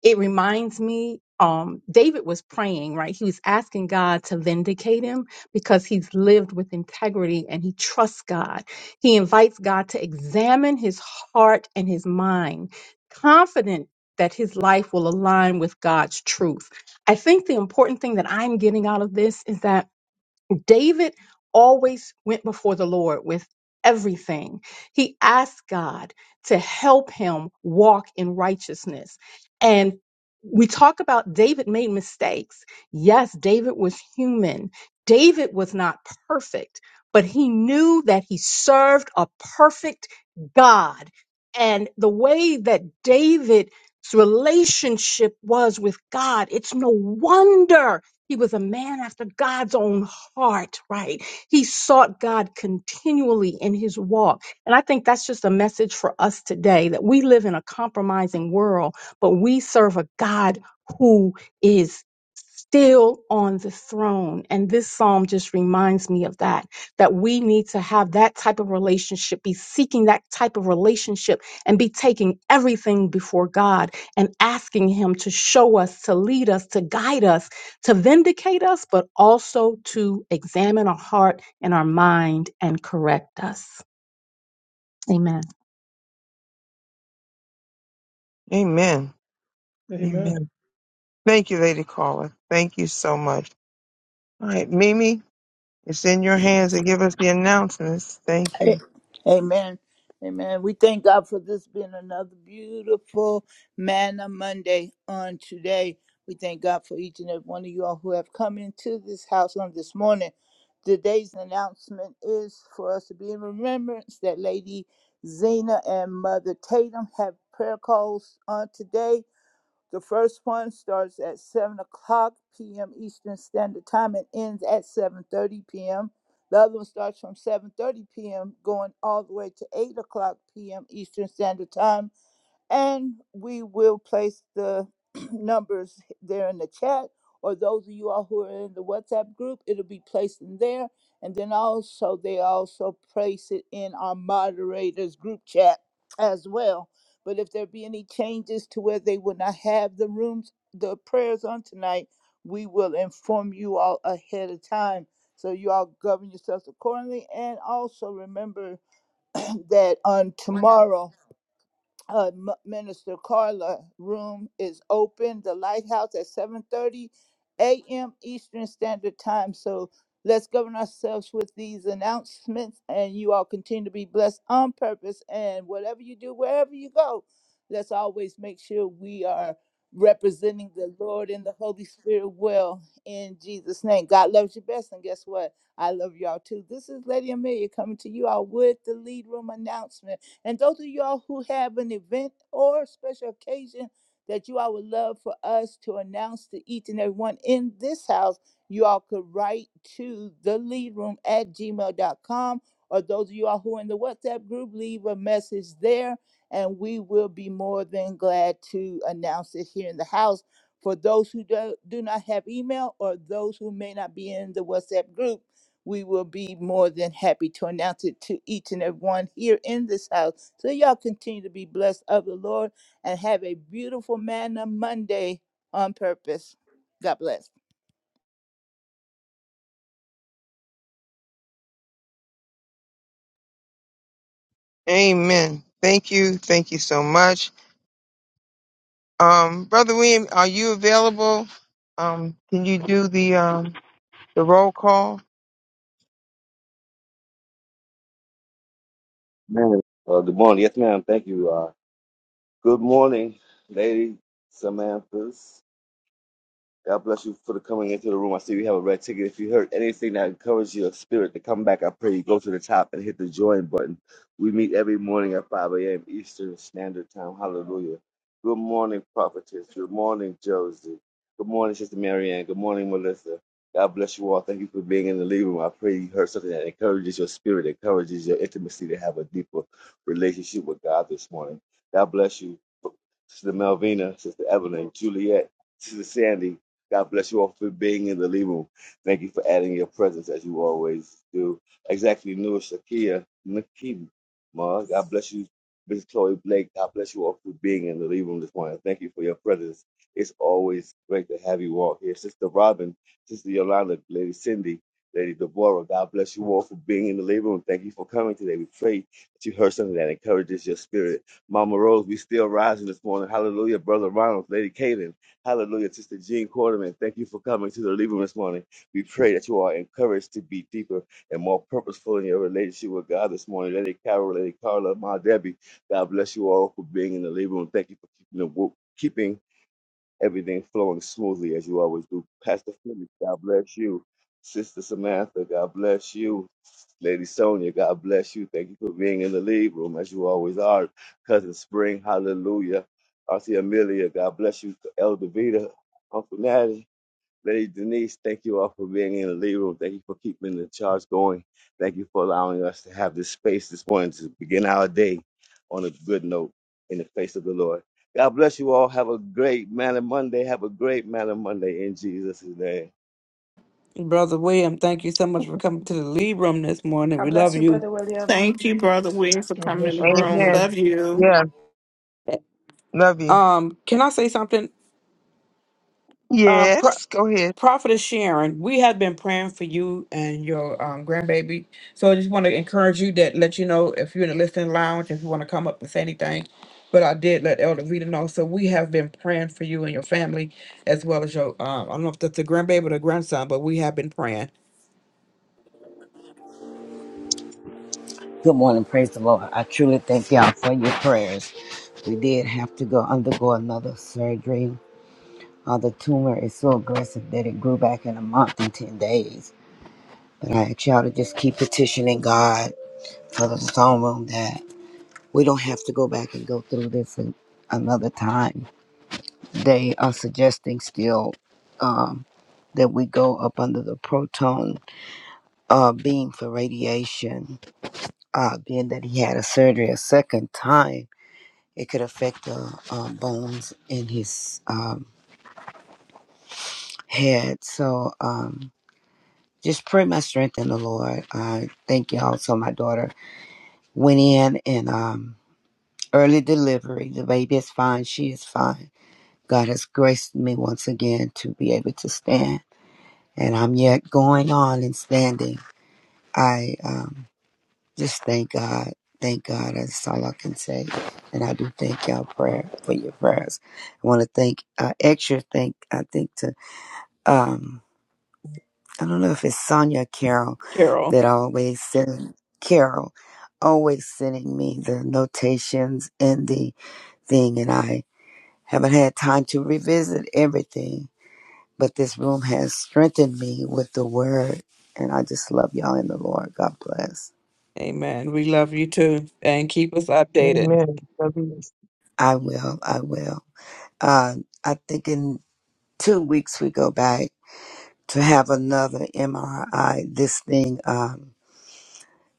J: it reminds me um David was praying, right? He was asking God to vindicate him because he's lived with integrity and he trusts God. He invites God to examine his heart and his mind, confident that his life will align with God's truth. I think the important thing that I'm getting out of this is that David always went before the Lord with everything. He asked God to help him walk in righteousness. And we talk about David made mistakes. Yes, David was human. David was not perfect, but he knew that he served a perfect God. And the way that David's relationship was with God, it's no wonder he was a man after God's own heart, right? He sought God continually in his walk. And I think that's just a message for us today that we live in a compromising world, but we serve a God who is still on the throne. And this psalm just reminds me of that, that we need to have that type of relationship, be seeking that type of relationship, and be taking everything before God and asking Him to show us, to lead us, to guide us, to vindicate us, but also to examine our heart and our mind and correct us. Amen.
B: Amen.
C: Amen.
B: Amen. Thank you, Lady Caller. Thank you so much. All right, Mimi, it's in your hands to give us the announcements. Thank
G: A-
B: you.
G: Amen. Amen. We thank God for this being another beautiful Manna Monday on today. We thank God for each and every one of you all who have come into this house on this morning. Today's announcement is for us to be in remembrance that Lady Zena and Mother Tatum have prayer calls on today. The first one starts at 7 o'clock p.m. Eastern Standard Time and ends at 7.30 p.m. The other one starts from 7.30 p.m. going all the way to 8 o'clock p.m. Eastern Standard Time and we will place the numbers there in the chat, or those of you all who are in the WhatsApp group, it'll be placed in there. And then also, they also place it in our moderators group chat as well. But if there be any changes to where they will not have the rooms, the prayers on tonight, we will inform you all ahead of time. So you all govern yourselves accordingly. And also remember that on tomorrow uh, M- Minister Carla room is open. The Lighthouse at 7:30 a.m. Eastern Standard Time. So let's govern ourselves with these announcements, and you all continue to be blessed on purpose. And whatever you do, wherever you go, let's always make sure we are representing the Lord and the Holy Spirit well in Jesus' name. God loves you best, and guess what? I love y'all too. This is Lady Amelia coming to you all with the lead room announcement. And those of y'all who have an event or special occasion that you all would love for us to announce to each and everyone in this house, you all could write to the lead room at gmail.com. Or those of you all who are in the WhatsApp group, leave a message there, and we will be more than glad to announce it here in the house. For those who do, do not have email or those who may not be in the WhatsApp group, we will be more than happy to announce it to each and every one here in this house. So y'all continue to be blessed of the Lord and have a beautiful manna Monday on purpose. God bless.
B: Amen. Thank you. Thank you so much. Um, Brother William, are you available? Um, can you do the um the roll call?
D: Amen. Uh, good morning. Yes, ma'am. Thank you. Uh, good morning, Lady Samantha. God bless you for the coming into the room. I see we have a red ticket. If you heard anything that encouraged your spirit to come back, I pray you go to the top and hit the join button. We meet every morning at 5 a.m. Eastern Standard Time. Hallelujah. Good morning, prophetess. Good morning, Josie. Good morning, Sister Marianne. Good morning, Melissa. God bless you all. Thank you for being in the living room. I pray you heard something that encourages your spirit, encourages your intimacy to have a deeper relationship with God this morning. God bless you, Sister Melvina, Sister Evelyn, Juliet, Sister Sandy, God bless you all for being in the living room. Thank you for adding your presence as you always do. Exactly, Noor Shakia Nakim. Ma, God bless you, Mrs. Chloe Blake. God bless you all for being in the living room this morning. Thank you for your presence. It's always great to have you all here. Sister Robin, Sister Yolanda, Lady Cindy, Lady Deborah, God bless you all for being in the living room. Thank you for coming today. We pray that you heard something that encourages your spirit. Mama Rose, we still rising this morning. Hallelujah, Brother Ronald, Lady Kaden. Hallelujah. Sister Jean Quarterman, thank you for coming to the living room this morning. We pray that you are encouraged to be deeper and more purposeful in your relationship with God this morning. Lady Carol, Lady Carla, Ma Debbie, God bless you all for being in the living room. Thank you for keeping the, wo- keeping everything flowing smoothly as you always do. Pastor Felix, God bless you. Sister Samantha, God bless you. Lady Sonia, God bless you. Thank you for being in the lead room as you always are. Cousin Spring, hallelujah. Auntie Amelia, God bless you. Elder Vita, Uncle Natty, Lady Denise, thank you all for being in the lead room. Thank you for keeping the charge going. Thank you for allowing us to have this space this morning to begin our day on a good note in the face of the Lord. God bless you all. Have a great man of Monday. Have a great man of Monday in Jesus' name.
I: Brother William. Thank you so much for coming to the lead room this morning. We
K: God
I: love
K: bless you,
I: you.
K: Brother William.
H: Thank you, Brother Williams, for
C: God
H: coming in
C: bless
H: the
C: you, Brother
H: room.
B: Amen.
H: Love
C: William.
H: you.
B: Yeah, love you.
I: Um, can I say something? Uh, pr-
B: Yes, go ahead.
I: Prophetess Sharon, we have been praying for you and your um, grandbaby. So I just want to encourage you that let you know if you're in the listening lounge, if you want to come up and say anything. But I did let Elder Vita know. So we have been praying for you and your family, as well as your, um, I don't know if that's a grandbaby or the grandson, but we have been praying.
L: Good morning. Praise the Lord. I truly thank y'all for your prayers. We did have to go undergo another surgery. Uh, the tumor is so aggressive that it grew back in a month and 10 days. But I ask y'all to just keep petitioning God for the throne room that we don't have to go back and go through this an- another time. They are suggesting still um, that we go up under the proton uh, beam for radiation, uh, being that he had a surgery a second time It could affect the um, bones in his um, head. So um, just pray my strength in the Lord. I thank you all So My daughter went in and um, early delivery. The baby is fine. She is fine. God has graced me once again to be able to stand. And I'm yet going on and standing. I um, just thank God. Thank God. That's all I can say. And I do thank y'all prayer for your prayers. I want to thank uh, extra thank I think to um I don't know if it's Sonia Carroll
I: Carol,
L: that always send Carol always sending me the notations and the thing and I haven't had time to revisit everything, but this room has strengthened me with the word and I just love y'all in the Lord. God bless.
I: amen. We love you too. And keep us updated.
B: Amen. Love you.
L: I will, I will. Uh I think in two weeks we go back to have another MRI. This thing um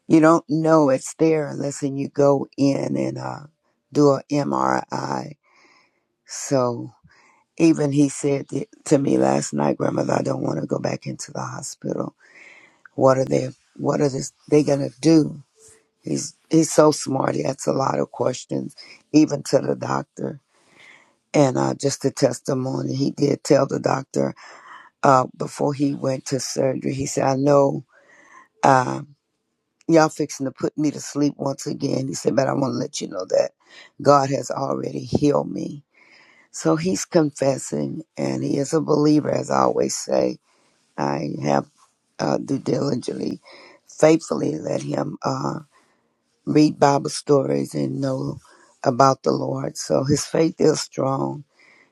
L: You don't know it's there unless you go in and uh, do an MRI. So even he said t- to me last night, Grandmother, I don't want to go back into the hospital. What are they? What are this, they gonna do? He's he's so smart. He asks a lot of questions, even to the doctor. And uh, just a testimony, he did tell the doctor uh, before he went to surgery. He said, "I know." Uh, Y'all fixing to put me to sleep once again. He said, But I want to let you know that God has already healed me. So he's confessing and he is a believer, as I always say. I have uh, do diligently, faithfully let him uh, read Bible stories and know about the Lord. So his faith is strong.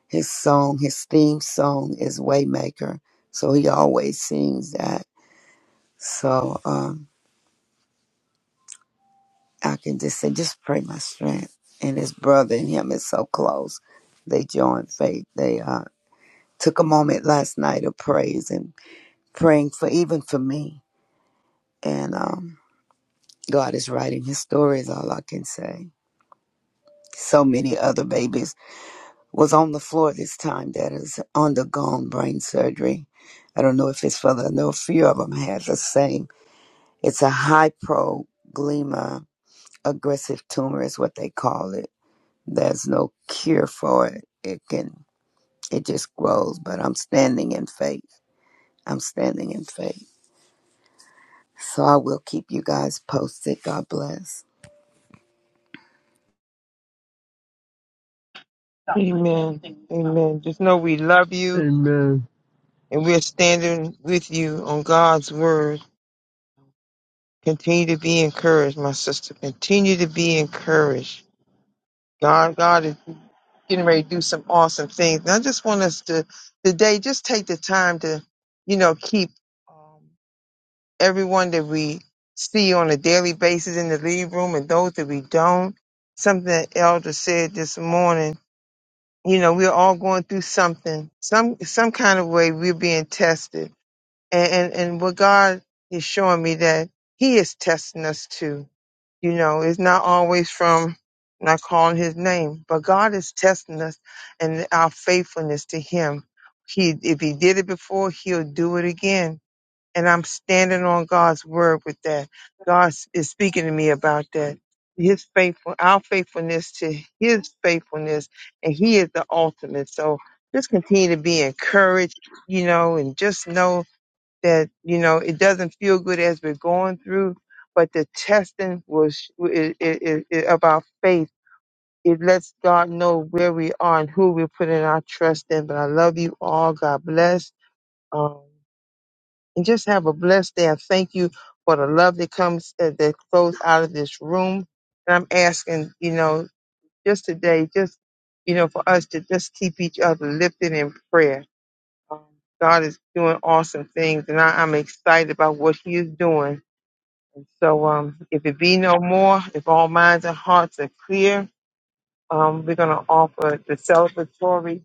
L: His song, his theme song is Waymaker. So he always sings that. So, um, I can just say, just pray my strength. And his brother and him is so close. They joined faith. They uh, took a moment last night of praise and praying for even for me. And um, God is writing his story is all I can say. So many other babies was on the floor this time that has undergone brain surgery. I don't know if it's for the, I know a few of them had the same. It's a hypoglema aggressive tumor is what they call it There's no cure for it. It can, it just grows, but I'm standing in faith. I'm standing in faith. So I will keep you guys posted. God bless.
B: Amen. Amen. Just know we love you
F: Amen.
B: and we're standing with you on God's word. Continue to be encouraged, my sister. Continue to be encouraged. God, God is getting ready to do some awesome things. And I just want us to today just take the time to, you know, keep um, everyone that we see on a daily basis in the lead room and those that we don't. Something that Elder said this morning. You know, we're all going through something, some some kind of way we're being tested. And and, and what God is showing me that He is testing us too you know, it's not always from not calling his name, but God is testing us and our faithfulness to him. He, if he did it before, he'll do it again. And I'm standing on God's word with that. God is speaking to me about that. His faithful, our faithfulness to his faithfulness, and he is the ultimate. So just continue to be encouraged, you know, and just know that you know it doesn't feel good as we're going through but the testing was it, it, it, it- of our faith it lets god know where we are and who we're putting our trust in but i love you all god bless um, and just have a blessed day i thank you for the love that comes uh, that flows out of this room and i'm asking you know just today just you know for us to just keep each other lifted in prayer um, God is doing awesome things, and I, I'm excited about what He is doing. And so, um, if it be no more, if all minds and hearts are clear, um, we're going to offer the celebratory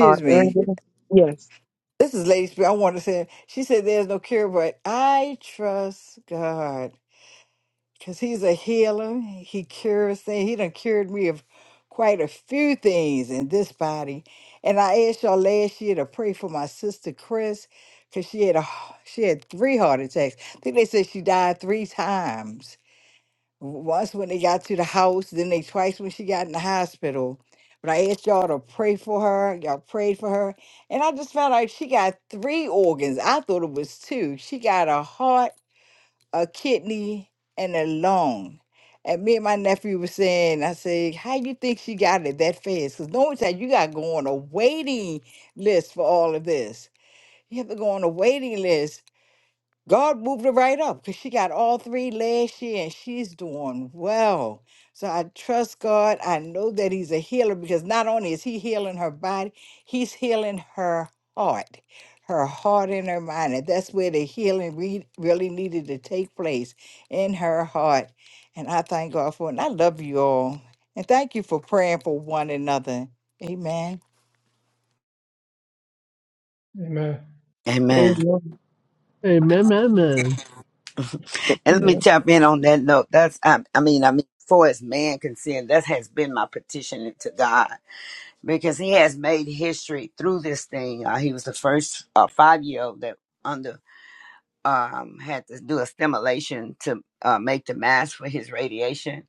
B: uh,
E: me.
B: ending. Yes.
E: This is Lady Spirit. I want to say, she said, There's no cure, but I trust God because He's a healer. He cures things. He done cured me of quite a few things in this body. And I asked y'all last year to pray for my sister Chris because she had a she had three heart attacks. I think they said she died three times once when they got to the house, then they twice when she got in the hospital. But I asked y'all to pray for her. Y'all prayed for her. And I just found out she got three organs. I thought it was two. She got a heart, a kidney, and a lung. And me and my nephew was saying, I said, how you think she got it that fast? Because no one said you got to go on a waiting list for all of this. You have to go on a waiting list God moved her right up because she got all three last year and she's doing well. So I trust God. I know that He's a healer because not only is He healing her body, He's healing her heart, her heart and her mind. And that's where the healing re- really needed to take place in her heart. And I thank God for it. And I love you all. And thank you for praying for one another. Amen.
C: Amen.
L: Amen.
B: Amen.
F: Amen, amen.
L: And let me
B: Amen.
L: tap in on that note. That's, I, I mean, I mean, for as man can see, and that has been my petition to God because He has made history through this thing. Uh, he was the first uh, five-year-old that under um had to do a stimulation to uh, make the mask for his radiation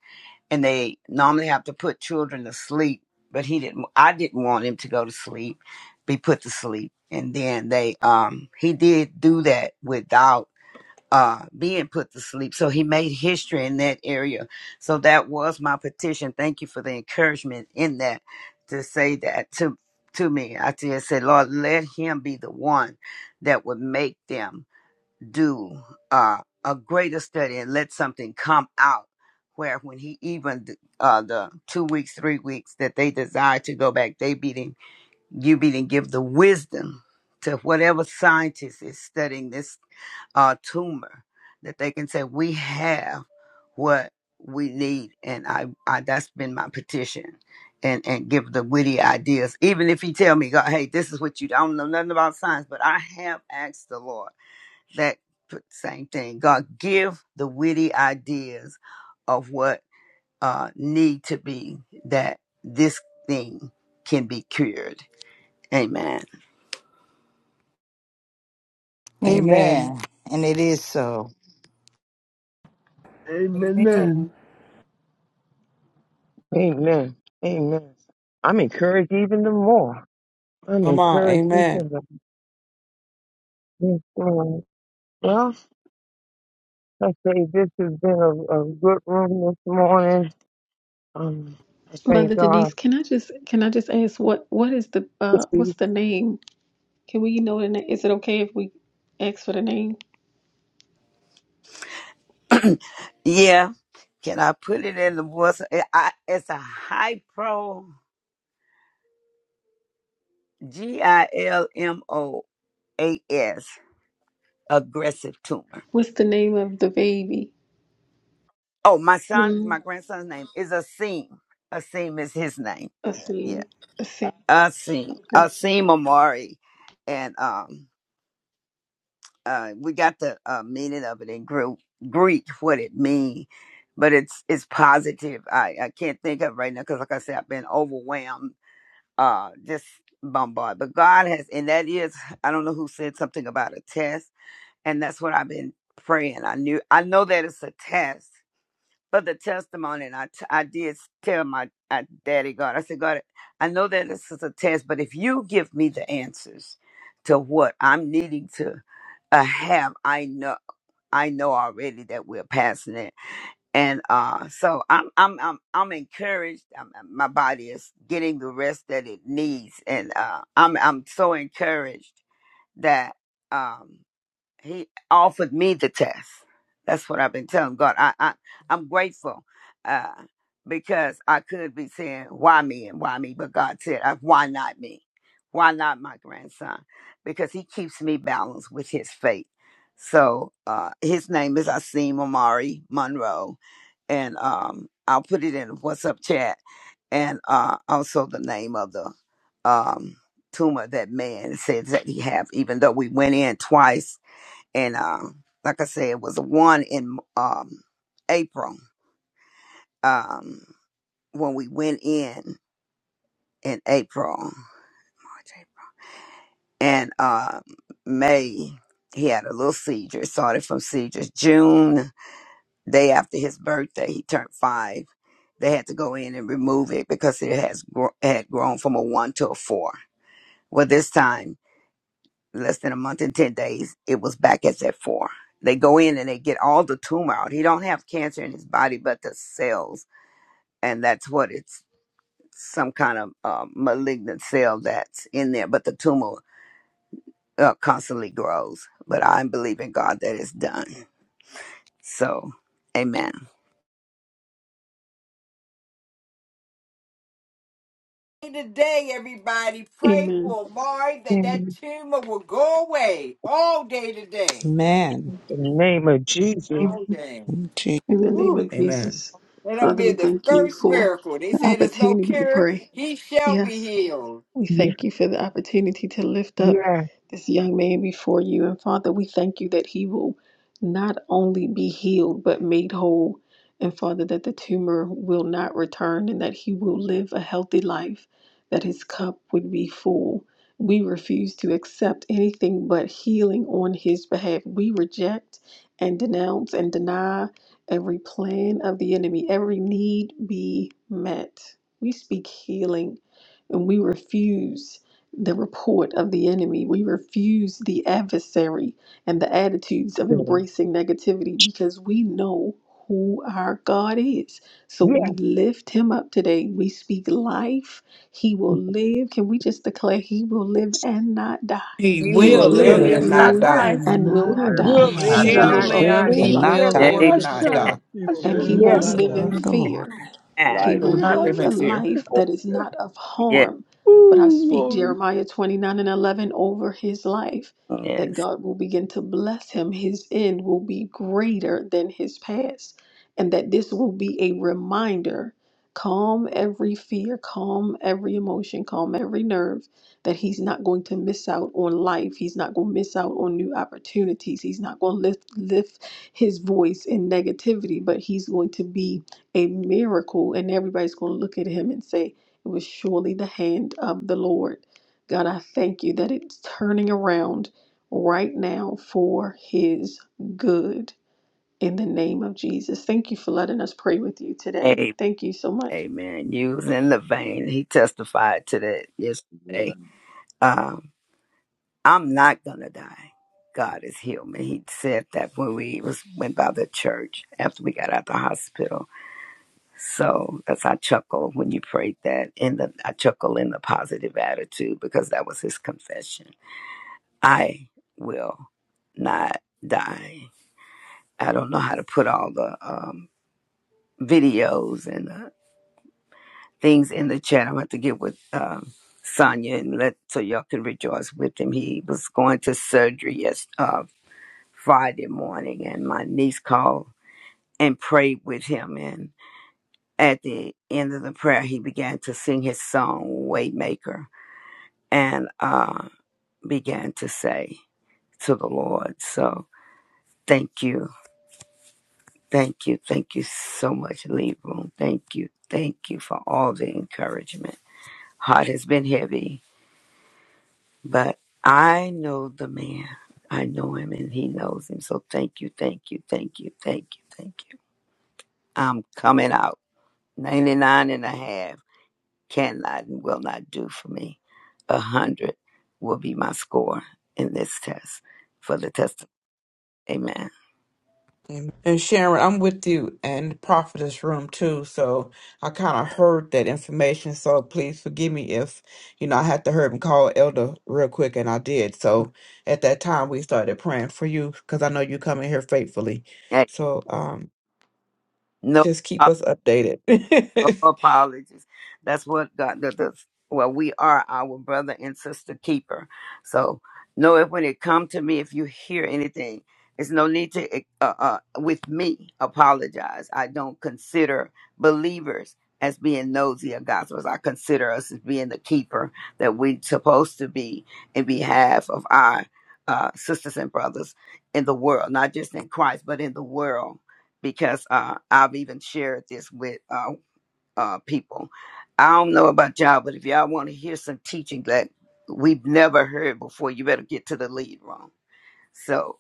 L: and they normally have to put children to sleep but he didn't i didn't want him to go to sleep be put to sleep and then they um he did do that without uh being put to sleep so he made history in that area so that was my petition thank you for the encouragement in that to say that to to me i just said lord let him be the one that would make them do uh, a greater study and let something come out where when he even uh, the two weeks three weeks that they desire to go back they be to, you be to give the wisdom to whatever scientist is studying this uh, tumor that they can say we have what we need and I, I that's been my petition and and give the witty ideas even if he tell me God, hey this is what you I don't know nothing about science but I have asked the Lord that same thing. God give the witty ideas of what uh, need to be that this thing can be cured. Amen.
I: Amen.
E: Amen. And it is so.
F: Amen, amen.
M: Amen.
B: Amen. Amen. I'm encouraged even the more. I'm
I: Come on.
B: encouraged
I: Amen.
B: even the more. Well, I say this has been a, a good room this morning. Um, I thank
A: Mother
B: God.
A: Denise, can I just can I just ask what what is the uh what's the name? Can we know the name? Is it okay if we ask for the name?
L: yeah, can I put it in the voice? Eh, I, it's a hypo G I L M O A S aggressive tumor.
A: What's the name of the baby?
L: Oh, my son,
A: Mm,
L: my grandson's name is Asim. Asim is his name.
A: I
L: Yeah,
A: see. I see.
L: Asim,
A: Okay.
L: Asim Amari, and um, uh, we got the uh, meaning of it in Greek, Greek what it means, but it's it's positive. I, I can't think of it right now because, like I said, I've been overwhelmed, uh, just bombarded. But God has, and that is, I don't know who said something about a test, and that's what I've been praying. I knew, I know that it's a test, for the testimony. And I, t- I did tell my I, daddy God, I said, God, I know that this is a test, but if you give me the answers to what I'm needing to uh, have, I know I know already that we're passing it. And uh, so I'm I'm I'm I'm encouraged. I'm, I'm- my body is getting the rest that it needs, and uh, I'm I'm so encouraged that. um he offered me the test. That's what I've been telling God. I, I I'm grateful uh, because I could be saying why me and why me, but God said uh, why not me? Why not my grandson? Because He keeps me balanced with His faith. So uh, His name is Asim Omari Monroe, and um, I'll put it in the What's Up chat, and uh, also the name of the um, tumor that man says that he have. Even though we went in twice and um, like I said, it was one in um, April um, when we went in in April, March, April. and um, May he had a little seizure. It started from seizures. June, day after his birthday, he turned five. They had to go in and remove it because it has gro- had grown from a one to a four. Well, this time less than a month and 10 days, it was back as at four. They go in and they get all the tumor out. He don't have cancer in his body, but the cells. And that's what it's some kind of uh, malignant cell that's in there, but the tumor uh, constantly grows. But I believe in God that it's done. So, amen.
E: today, everybody. Pray
A: Amen.
E: for Mari that that tumor will go away all day today.
N: Man,
B: the name of Jesus.
E: All
A: Amen.
E: day.
N: he
A: In the name
E: Whew.
A: of
I: Amen.
A: Jesus.
E: That'll
A: Father,
E: be
A: we
E: the
A: thank you
E: first
A: for
E: miracle. They
A: the
E: say there's no
A: opportunity to
E: cure.
A: pray.
E: He shall be
A: Yes.
E: healed.
A: We
B: Yes,
A: thank you for the opportunity to lift up
B: yes,
A: this young man before you. And Father, we thank you that he will not only be healed, but made whole. And Father, that the tumor will not return and that he will live a healthy life, that his cup would be full. We refuse to accept anything but healing on his behalf. We reject and denounce and deny every plan of the enemy, every need be met. We speak healing and we refuse the report of the enemy. We refuse the adversary and the attitudes of
B: Lord.
A: embracing negativity because we know who our God is. So we
B: yes,
A: lift him up today. We speak life. He will live. Can we just declare he will live and not die?
I: He
M: We
B: he
M: will
A: He
I: will
B: will
A: will
H: You'll
B: live
M: live
I: live
B: and
I: and
B: not,
M: and
A: live
H: live,
M: not
H: not
I: not
F: Live
I: die.
H: die.
M: die.
A: and
F: and
D: You
A: will
B: he
D: will
F: not
A: not
D: live and
A: die.
D: you
B: will
I: He
D: will
F: die.
B: live
A: He
D: not
B: and
A: will
I: shall
D: die.
A: live
N: will
B: not
A: a
B: die.
I: live,
B: and
N: live
A: full
I: he
N: and not
I: will
B: Declare
A: life
B: the works
N: die.
I: live
L: Amen.
I: and
B: of the
I: not
F: Asha.
I: die.
B: Lord.
C: He will
A: and
F: Asha,
A: he
C: live
D: Hallelujah.
C: and
A: won't
N: And
B: Yes,
F: Asha,
N: the
C: not
F: Asha.
A: live
B: Lord.
A: in
C: die.
N: word of the Lord
A: fear.
L: Amen.
A: He
D: Life.
H: Will
A: will
F: Hallelujah,
H: not live
A: live a
H: in
F: hallelujah,
H: fear.
A: life
D: Oh,
A: that is
F: hallelujah.
A: not of
L: Yes.
A: harm. But I
F: Ooh,
A: speak
F: Lord.
A: Jeremiah 29 and 11 over his life that
L: Yes.
A: God will begin to bless him. His end will be greater than his past. And that this will be a reminder calm every fear, calm every emotion, calm every nerve that he's not going to miss out on life. He's not going to miss out on new opportunities. He's not going to lift, lift his voice in negativity, but he's going to be a miracle, and everybody's going to look at him and say, It was surely the hand of the Lord. God, I thank you that it's turning around right now for his good in the name of Jesus. Thank you for letting us pray with you today.
L: A-
A: Thank you so much.
L: Amen. You was in the vein. He testified to that
D: yeah.
L: yesterday. Um. I'm not gonna die. God has healed me. He said that when we was went by the church after we got out of the hospital. So that's I chuckle when you prayed that in the I chuckle in the positive attitude because that was his confession. I will not die. I don't know how to put all the um, videos and uh, things in the chat. I'm gonna have to get with um, Sonia and let so y'all can rejoice with him. He was going to surgery yesterday Friday morning, and my niece called and prayed with him. And at the end of the prayer, he began to sing his song, Waymaker, and uh, began to say to the Lord, So thank you, thank you, thank you so much, Libra. Thank you, thank you for all the encouragement. Heart has been heavy, but I know the man. I know him and he knows him. So thank you, thank you, thank you, thank you, thank you. I'm coming out. 99 and a half, and a cannot and will not do for me. A 100 will be my score in this test for the test. Amen.
I: Amen. And Sharon, I'm with you and Prophetess Room too. So I kind of heard that information. So please forgive me if, you know, I had to hurry up and call Elder real quick and I did.
L: Mm.
I: So at that time we started praying for you because I know you come in here faithfully.
L: Hey,
I: So um,
L: no
I: just keep us updated.
L: Oh, apologies. That's what God does. Well, we are our brother and sister keeper. So know it when it come to me. If you hear anything, it's no need to eh, uh, uh, with me apologize. I don't consider believers as being nosy of gospels. I consider us as being the keeper that we're supposed to be in behalf of our uh, sisters and brothers in the world, not just in Christ, but in the world because uh, I've even shared this with uh, uh, people. I don't know about y'all, but if y'all want to hear some teaching that we've never heard before, you better get to the lead room. So,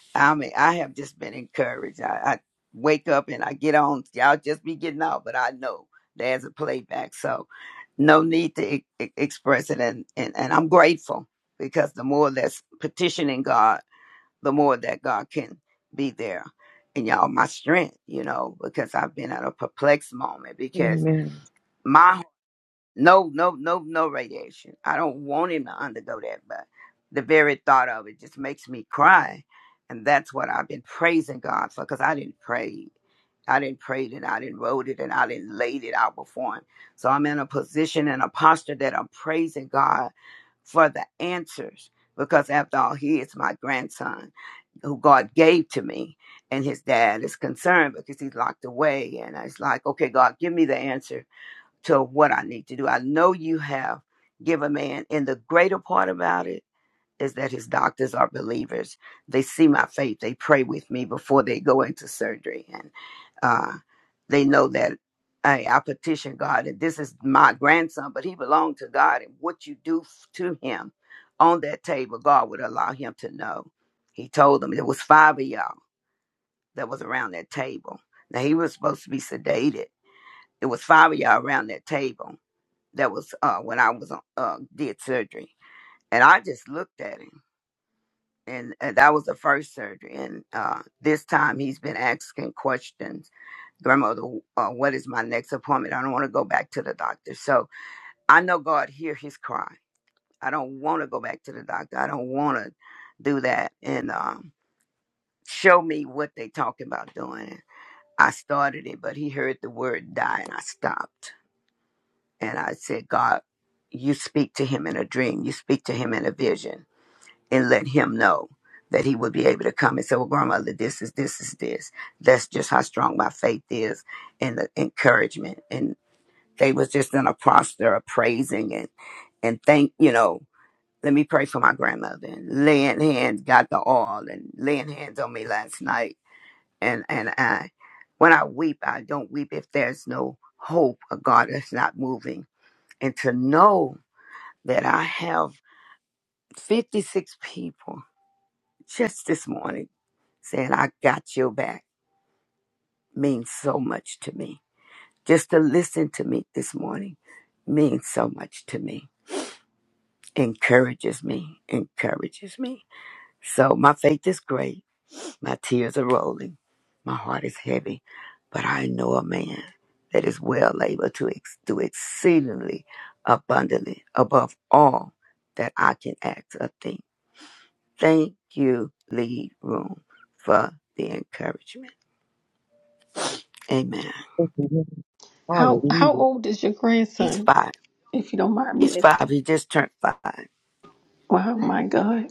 L: I mean, I have just been encouraged. I, I wake up and I get on. Y'all just be getting off, but I know there's a playback. So, no need to e- e- express it. And, and, and I'm grateful because the more that's petitioning God, the more that God can be there. And y'all, my strength, you know, because I've been at a perplexed moment because
B: Amen.
L: my no, no, no, no radiation. I don't want him to undergo that, but the very thought of it just makes me cry. And that's what I've been praising God for because I didn't pray. I didn't pray it and I didn't wrote it and I didn't laid it out before him. So I'm in a position and a posture that I'm praising God for the answers because after all, he is my grandson who God gave to me. And his dad is concerned because he's locked away. And it's like, okay, God, give me the answer to what I need to do. I know you have given me, and, and the greater part about it is that his doctors are believers. They see my faith, they pray with me before they go into surgery, and uh, they know that. Hey, I petition God, and this is my grandson, but he belonged to God. And what you do to him on that table, God would allow him to know. He told them there was five of y'all that was around that table. Now he was supposed to be sedated. It was five of y'all around that table that was uh, when I was uh, did surgery, and I just looked at him, and, and that was the first surgery. And uh, this time he's been asking questions, grandmother, uh, what is my next appointment? I don't want to go back to the doctor, so I know God hear his cry. I don't want to go back to the doctor. I don't want to do that, and um, show me what they talking about doing. I started it, but he heard the word die, and I stopped And I said, God, you speak to him in a dream, you speak to him in a vision, and let him know that he would be able to come and say, Well, grandmother, this is this is this. That's just how strong my faith is and the encouragement. And they was just in a posture of praising and and thank you know, let me pray for my grandmother and laying hands got the oil and laying hands on me last night. And and I when I weep, I don't weep if there's no hope or God is not moving. And to know that I have 56 people just this morning saying, I got your back means so much to me. Just to listen to me this morning means so much to me. Encourages me, encourages me. So my faith is great. My tears are rolling. My heart is heavy. But I know a man that is well able to ex- do exceedingly abundantly above all that I can ask or think Thank you, Lead Room, for the encouragement. Amen.
B: Thank you, Lord.
A: How how
B: Hallelujah.
A: old is your
L: He's
A: grandson,
L: five.
A: if you don't mind
L: He's
A: me
L: five.
A: asking?
L: He just turned five.
A: Wow, my God.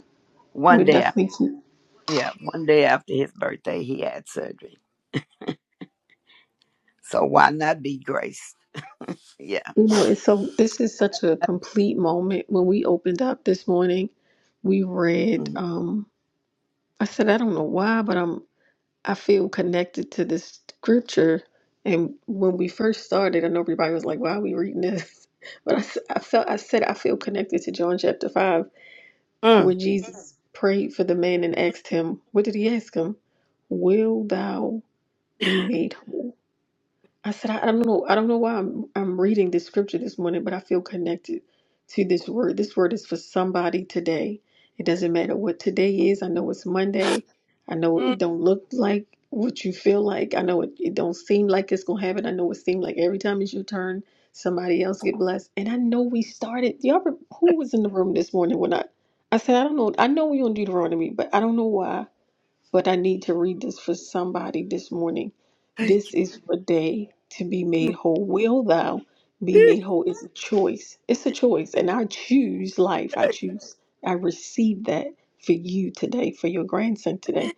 L: One
A: We're
L: day, af-
A: definitely keep-
L: yeah, one day after his birthday, he had surgery. So why not be graced? Yeah.
A: you know, it's so this is such a complete moment. When we opened up this morning, we read
L: Mm,
A: um I said, I don't know why, but I'm I feel connected to this scripture. And when we first started, I know everybody was like, "Why are we reading this?" But I, s- I felt I said I feel connected to John chapter five, where
L: mm,
A: Jesus prayed for the man and asked him, "What did he ask him? Will thou be made whole?" I said, I, I don't know. I don't know why I'm I'm reading this scripture this morning, but I feel connected to this word. This word is for somebody today. It doesn't matter what today is. I know it's Monday. I know
L: mm.
A: it don't look like what you feel like. I know it, it don't seem like it's gonna happen. I know it seemed like every time it's your turn, somebody else get blessed. And I know we started. Y'all, re- who was in the room this morning when I I said I don't know. I know we on Deuteronomy, but I don't know why but I need to read this for somebody this morning.
L: Thank
A: This
L: you.
A: is for day to be made whole. Will thou be made whole? It's a choice. It's a choice. And I choose life. I choose. I receive that for you today, for your grandson today.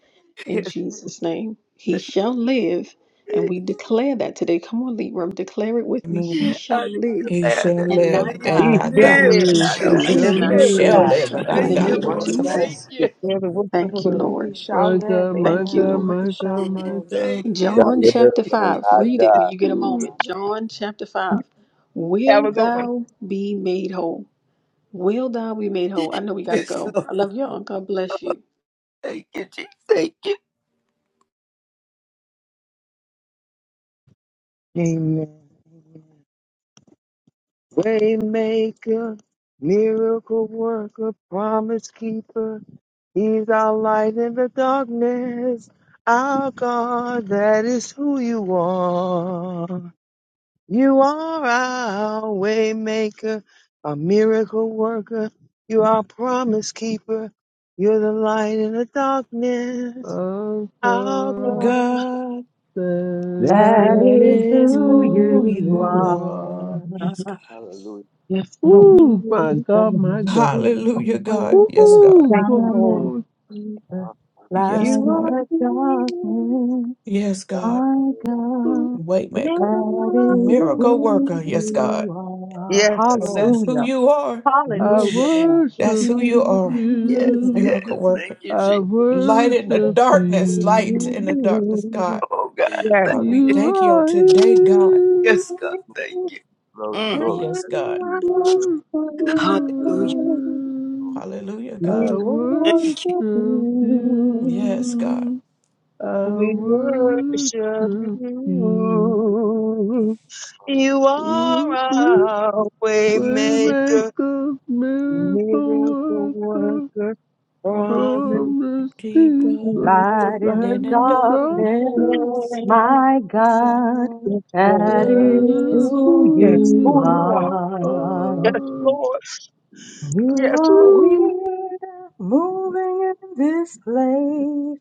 A: In Jesus' name, he shall live. And we declare that today. Come on, Libram, declare it with me. He
I: Amen.
A: shall
L: I
A: live
I: He
L: declare
I: shall
L: that
A: and
I: live
A: not
L: disease
I: and
B: He
A: die.
I: not
F: Just
B: shall
I: die.
L: live and
B: live.
A: In
F: live.
L: not
N: shall
F: He
L: die.
B: He
N: live
F: shall
A: Jesus'
L: In
N: and
L: the
I: You
L: name
A: name.
L: of
I: shall
B: will
F: live.
B: live
N: die
I: live
L: Jesus.
N: to
F: He
A: Asha,
I: and
F: shall
A: In
I: not
L: Thank
A: the
N: proclaim the
I: die.
L: you,
A: name
B: and
A: of
B: not
L: Lord.
F: live.
N: works of the
B: die.
L: Thank
A: Jesus.
N: Lord.
B: Declare the works of
A: Thank
B: the
A: you,
B: Lord.
A: Lord.
K: He
F: My
K: shall
F: God,
K: live.
F: my
A: Thank you,
F: God,
K: Amen.
A: Lord.
K: He
F: my God,
K: shall
L: you.
F: my
K: live.
F: God.
D: Shall
A: John
L: Thank
D: live
A: chapter
D: and
L: you.
A: 5.
D: not
A: Read it
D: die.
A: when you get a
F: Ooh,
A: moment. John chapter 5.
B: Have
A: Will
B: a good one.
A: thou be made whole? Will thou be made whole? I know we got to
L: Yes,
A: go. I love y'all. God bless you.
L: Thank you, Jesus. Thank you.
B: Amen. Waymaker, miracle worker, promise keeper. He's our light in the darkness. Our God, that is who you are. You are our waymaker, a miracle worker. You are promise keeper. You're the light in the darkness.
F: Our
B: Our
I: Oh
F: God,
B: God,
I: God,
F: that
J: That
B: that
I: that
J: is
F: is
B: is
I: is
J: who
I: who
B: who
F: who
J: you
I: you
B: you are.
F: you
J: are.
F: are.
I: are. Yes, God.
D: Hallelujah.
B: Yes,
J: Light
B: Lord.
J: in
F: Ooh, my
J: the
F: God, my God.
I: Hallelujah,
J: darkness,
I: God. Yes, God.
F: Ooh,
B: Thank you,
F: glory,
B: Lord.
F: glory,
I: Yes,
B: You are
I: God.
B: here.
I: Yes, God.
D: God
J: my
D: is
F: glory.
J: God,
I: Waymaker,
J: that is
I: miracle
J: who
I: worker. Yes, God.
J: you are.
B: Yes,
I: That's,
B: Lord.
I: that's who
J: Hallelujah,
I: you are.
F: I
B: We
J: hallelujah, God.
B: worship
I: That's
F: worship
I: who you
B: you.
I: are.
L: Yes,
F: you.
L: yes.
I: Miracle
L: Thank
I: worker.
L: you,
F: I
L: Jesus.
I: Light in the
F: worship
I: darkness. Light
F: you.
I: in the darkness, God.
L: Oh, God.
D: good.
B: Yes.
L: Thank
I: God, we
D: Hallelujah.
F: You
I: thank you on
F: are
I: today, God.
B: We
F: here.
L: Yes, God.
B: worship
L: Thank you.
D: Glory,
L: Mm.
B: you.
D: glory.
I: Yes,
D: Thank
I: God.
D: you, Jesus.
L: Hallelujah.
I: Hallelujah,
B: We
F: I
I: God.
L: Thank you.
B: worship
F: worship
I: Yes,
B: you.
I: God.
F: you. I worship you.
B: You are our way
F: We
B: maker.
F: make a
B: Miracle
F: miracle worker,
B: worker, promise
F: promise
I: Keeper
F: keeper,
B: keeper,
J: Light in
F: light
J: the
I: in the
F: in
J: darkness,
F: darkness.
B: Lord.
I: darkness,
B: yes,
J: my God,
I: God.
B: Lord,
J: that is
I: That
F: That
I: is
F: is
J: who
I: who
F: who
B: yes,
J: you
B: who you
I: you
B: are,
F: you
I: are.
B: yes,
J: are.
F: are.
B: Lord,
J: You
B: yes,
J: are
B: Lord,
F: Ooh.
J: here, moving in this place.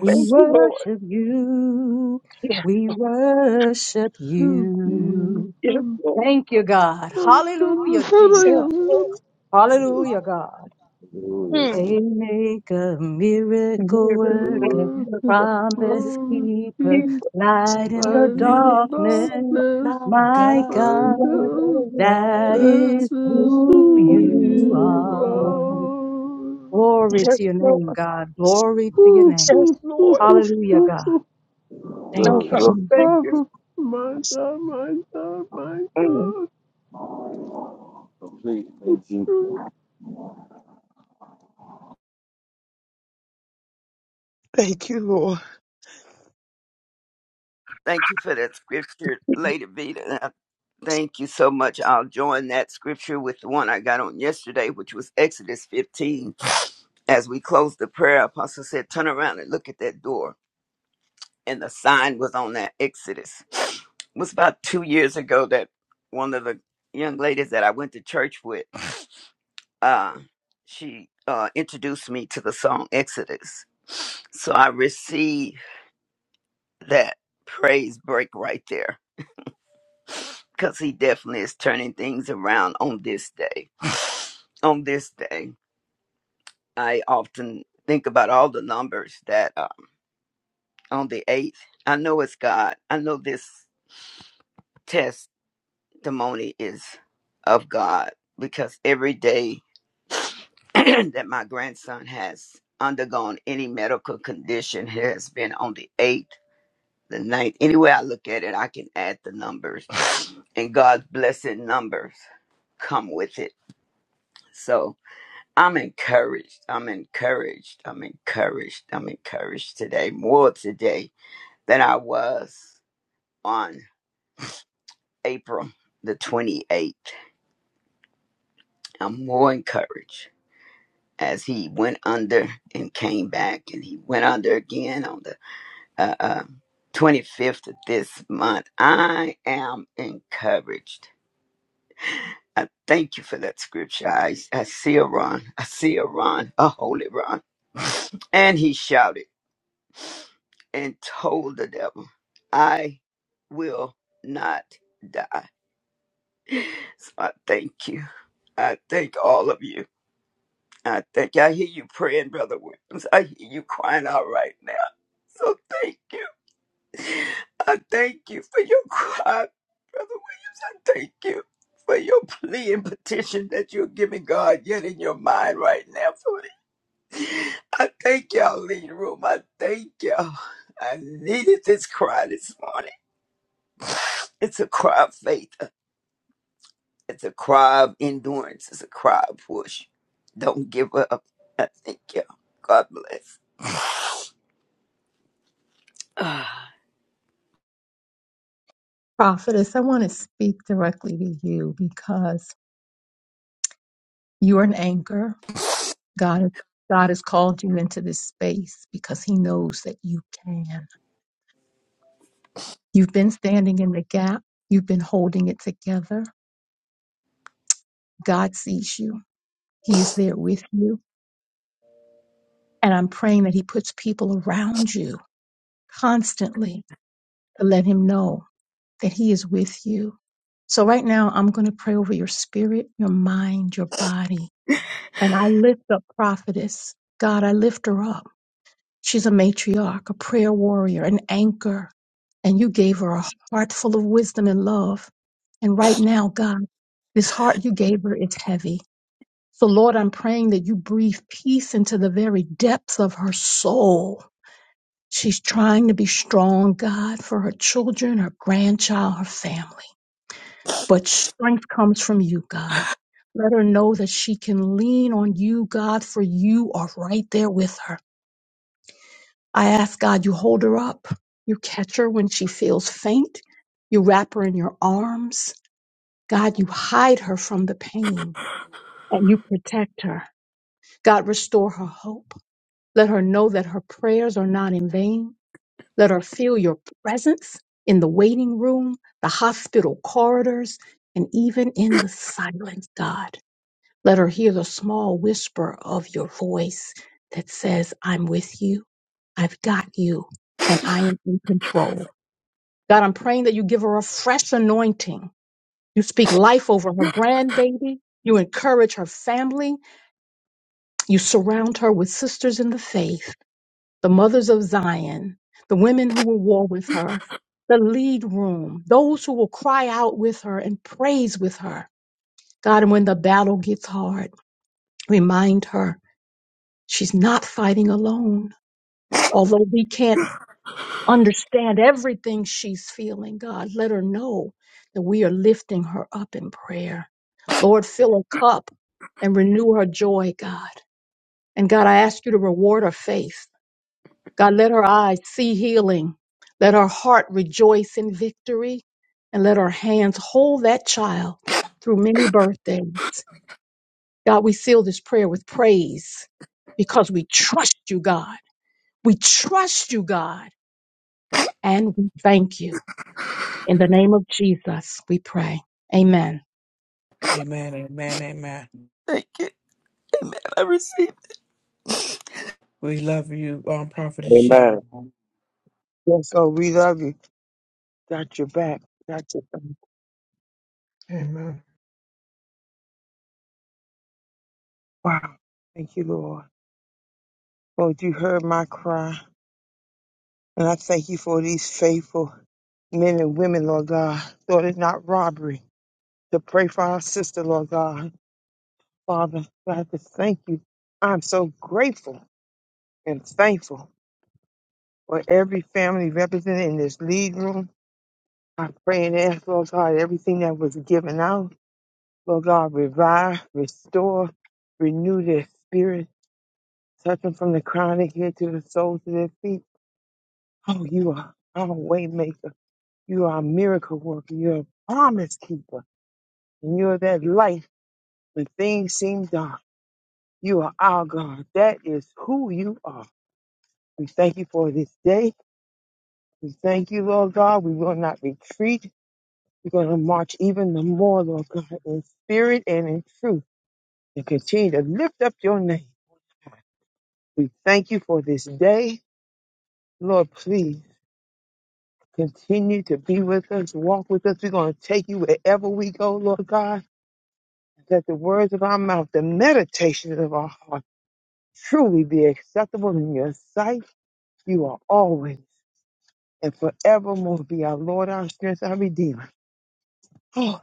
J: We
B: thank you, Lord,
J: worship you.
B: yes,
J: We worship you.
B: yes, Lord,
J: Thank you, God. Hallelujah,
B: yes,
J: Jesus.
B: Lord,
J: Hallelujah, God.
D: Hallelujah.
B: mm.
J: Waymaker, miracle
B: miracle
J: worker,
B: worker, promise
J: promise keeper,
B: keeper,
J: light in the
B: Lord. yes, Lord, yes, Lord,
I: Darkness,
B: yes,
J: darkness.
I: my
J: My
I: God.
J: God,
I: That
J: that is
I: is
J: who
I: who you
J: you
I: are.
J: are. Glory to your name, God. Glory to your name.
B: Lord,
J: Hallelujah, God. Thank
B: oh,
D: Good,
J: you,
B: God,
D: good,
J: Jesus.
D: good.
B: thank you,
F: My God, my God, my
B: Mm.
F: God.
D: Complete in Jesus.
B: thank you, Lord,
L: Thank you for that scripture, Lady Vita. Uh, Thank you so much. I'll join that scripture with the one I got on yesterday, which was Exodus 15. As we closed the prayer, Apostle said, Turn around and look at that door. And the sign was on that Exodus. It was about two years ago that one of the young ladies that I went to church with uh, she uh, introduced me to the song Exodus. So I received that praise break right there because he definitely is turning things around on this day. on this day, I often think about all the numbers that uh, on the 8th, I know it's God. I know this testimony is of God because every day. that my grandson has undergone any medical condition has been on the eighth, the ninth. Any I look at it, I can add the numbers, and God's blessed numbers come with it. So I'm encouraged. I'm encouraged. I'm encouraged. I'm encouraged today, more today than I was on April the 28th. I'm more encouraged as he went under and came back, and he went under again on the uh, 25th of this month. I am encouraged. I thank you for that scripture. I, I see a Ron. I see a Ron, a holy Ron. and he shouted and told the devil, I will not die. So I thank you. I thank all of you. I thank you. I hear you praying, Brother Williams. I hear you crying out right now. So thank you. I thank you for your cry, Brother Williams. I thank you for your plea and petition that you're giving God yet in your mind right now. For I thank y'all, lead room. I thank y'all. I needed this cry this morning. It's a cry of faith. It's a cry of endurance. It's a cry of push. Don't give up. I thank you. all God bless. Ah,
J: Prophetess, I want to speak directly to you because you're an anchor. God, God has called you into this space because He knows that you can. You've been standing in the gap, you've been holding it together. God sees you, He's there with you. And I'm praying that He puts people around you constantly to let Him know that He is with you. So, right now, I'm going to pray over your spirit, your mind, your body And I lift up prophetess. God, I lift her up. She's a matriarch, a prayer warrior, an anchor. And you gave her a heart full of wisdom and love. And right now, God, this heart you gave her is heavy. So, Lord, I'm praying that you breathe peace into the very depths of her soul. She's trying to be strong, God, for her children, her grandchild, her family but strength comes from you, God. Let her know that she can lean on you, God, for you are right there with her. I ask God, you hold her up. You catch her when she feels faint. You wrap her in your arms. God, you hide her from the pain and you protect her. God, restore her hope. Let her know that her prayers are not in vain. Let her feel your presence in the waiting room, the hospital corridors, and even in the silence, God. Let her hear the small whisper of your voice that says, I'm with you, I've got you, and I am in control. God, I'm praying that you give her a fresh anointing. You speak life over her grandbaby. You encourage her family. You surround her with sisters in the faith, the mothers of Zion, the women who will war with her, the lead room, those who will cry out with her and praise with her. God, and when the battle gets hard, remind her She's not fighting alone. Although we can't understand everything she's feeling, God, let her know that we are lifting her up in prayer. Lord, fill her cup and renew her joy, God. And God, I ask you to reward her faith. God, let her eyes see healing. Let her heart rejoice in victory. And let her hands hold that child through many birthdays. God, we seal this prayer with praise because we trust you, God. We trust you, God, and we thank you. In the name of Jesus, we pray. Amen.
I: Amen, amen, amen.
L: Thank you. I receive.
I: We love you, um, Prophet
D: Amen.
I: Sharon.
B: yes, oh, we love you. Got your back. Got your back.
C: Amen.
B: Wow. Thank you, Lord. Lord, you heard my cry. And I thank you for these faithful men and women, Lord God. Lord, it's not robbery to pray for our sister, Lord God. Father, I have to thank you. I'm so grateful and thankful for every family represented in this lead room. I pray and ask, Lord God, everything that was given out, Lord God, revive, restore, renew their spirit Touch them from the crown of their head to the soles of their feet. Oh, you are our way maker. You are a miracle worker. You're a promise keeper. And you're that light when things seem dark. You are our God. That is who you are. We thank you for this day. We thank you, Lord God. We will not retreat. We're going to march even the more, Lord God, in spirit and in truth and continue to lift up your name. We thank you for this day. Lord, please. Continue to be with us, walk with us. We're going to take you wherever we go, Lord God. That the words of our mouth, the meditations of our heart truly be acceptable in your sight. You are always and forevermore be our Lord, our strength, our Redeemer. Oh,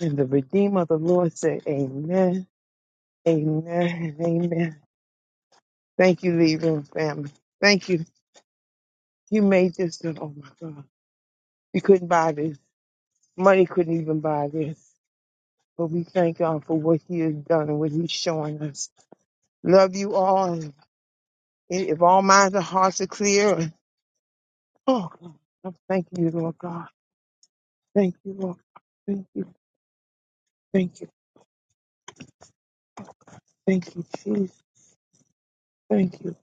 B: and the Redeemer of the Lord said, Amen, Amen, and Amen. Thank you, Legion family. Thank you. You made this. Oh my God. You couldn't buy this. Money couldn't even buy this. But we thank God for what He has done and what He's showing us. Love you all. And if all minds and hearts are clear, oh, I thank you, Lord God. Thank you, Lord. Thank you. Thank you. Thank you, Jesus. Thank you.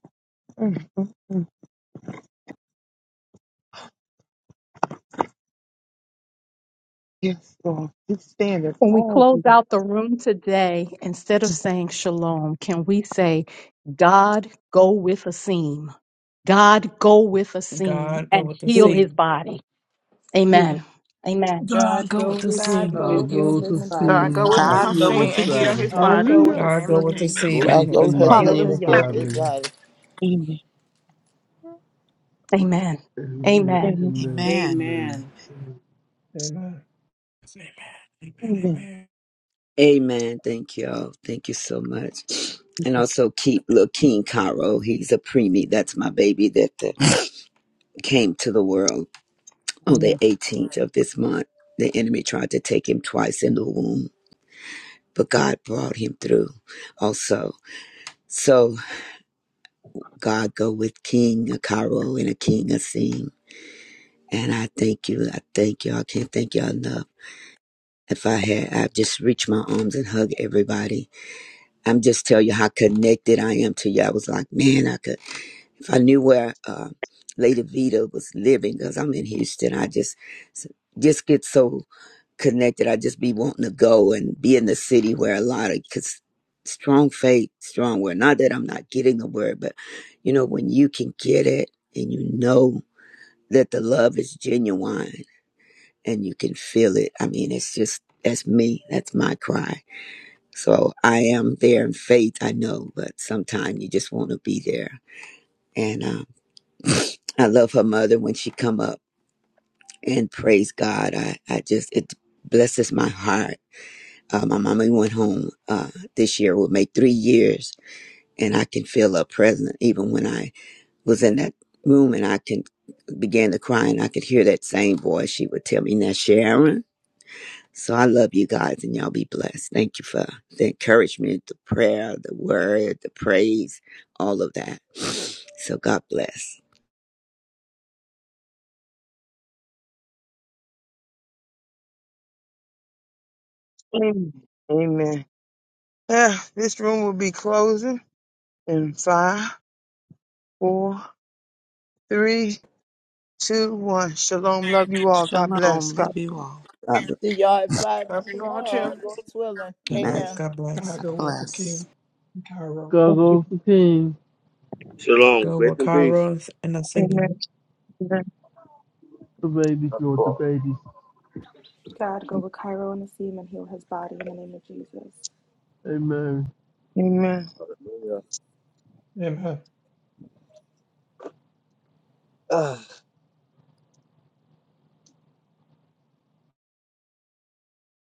B: Mm, mm, mm. Yes, Lord. We stand at
J: When we
B: all of
J: close
B: you.
J: out the room today, instead of saying shalom, can we say, God, go with Asim. God, go with Asim
I: God, go
J: and
I: with the
J: heal
I: sea.
J: his body.
B: Yes,
J: Amen. Amen.
M: God
I: God, go with
M: go
I: the
M: with
K: God
M: him
I: sea.
K: go
M: and
F: God
K: with a
M: heal
F: goes to
M: his
K: seam and heal
H: God,
K: his
M: body.
H: go
F: sing
H: with
F: and
C: God
N: God
K: body.
C: go
F: heal
N: go
C: with the
F: his
H: Hashem
N: with the
H: and
C: scene
H: heal
C: and
F: body.
H: his
N: king.
C: heal
K: God
C: his
H: body
K: go with
H: in
F: Hallelujah.
H: the
C: body.
K: a
I: God,
H: name
I: go
H: of
I: with the
K: seam
I: sea
H: Jesus.
F: go
I: and
G: God
F: to
I: heal
G: go
I: his
G: with
K: and
F: see
G: his
I: body.
K: heal
G: name
F: Hill's
K: his
G: and
J: Hallelujah.
G: even
B: yes.
G: heal his
K: body.
F: body
G: body.
B: Amen.
J: Amen.
F: Amen,
J: Amen.
B: Amen.
F: amen, amen.
N: Amen.
F: then
M: Amen.
F: and then
C: Amen.
I: Amen, amen,
B: Amen.
I: amen.
L: Amen. Thank y'all. Thank you so much. And also keep little King Cairo. He's a preemie. That's my baby that uh, came to the world on the
B: Amen.
L: 18th of this month. The enemy tried to take him twice in the womb, but God brought him through also. So God go with King Cairo and a King Asim. And I thank you. I thank you. I can't thank y'all enough. If I had, I'd just reach my arms and hug everybody I'm just telling you how connected I am to you. I was like, man, I could, if I knew where uh, Lady Vita was living, because I'm in Houston, I just, just get so connected. I just be wanting to go and be in the city where a lot of, because strong faith, strong word. Not that I'm not getting the word, but you know, when you can get it and you know that the love is genuine and you can feel it. I mean, it's just, that's me. That's my cry so I am there in faith, I know, but sometimes you just want to be there. And um, I love her mother when she come up and praise God. I, I just, it blesses my heart. Uh, my mama went home uh, this year, would make three years, and I can feel her presence even when I was in that room and I can began to cry and I could hear that same voice. She would tell me, now Sharon, So I love you guys and y'all be blessed. Thank you for the encouragement, the prayer, the word, the praise, all of that. So God bless.
B: Amen. Amen. Ah, this room will be closing in five, four, three, two, one. Shalom. Love you all. God bless.
N: Shalom.
B: God.
N: Love you all.
L: God bless.
G: See y'all at five
H: Love you all too.
G: tomorrow, Lord's willing.
I: God
L: Amen.
G: Amen.
I: bless, God bless.
C: God go with the
N: Bless.
C: King in Cairo.
F: go
B: Thank you.
F: go King
D: Shalom.
I: Go
D: Grace
I: with
D: and peace.
I: Kairos and the sea.
B: Amen. Amen.
F: the baby or the babies.
K: God go with Cairo and a seam and heal his body in the name of Jesus.
F: Amen.
B: Amen.
D: Hallelujah.
C: Amen.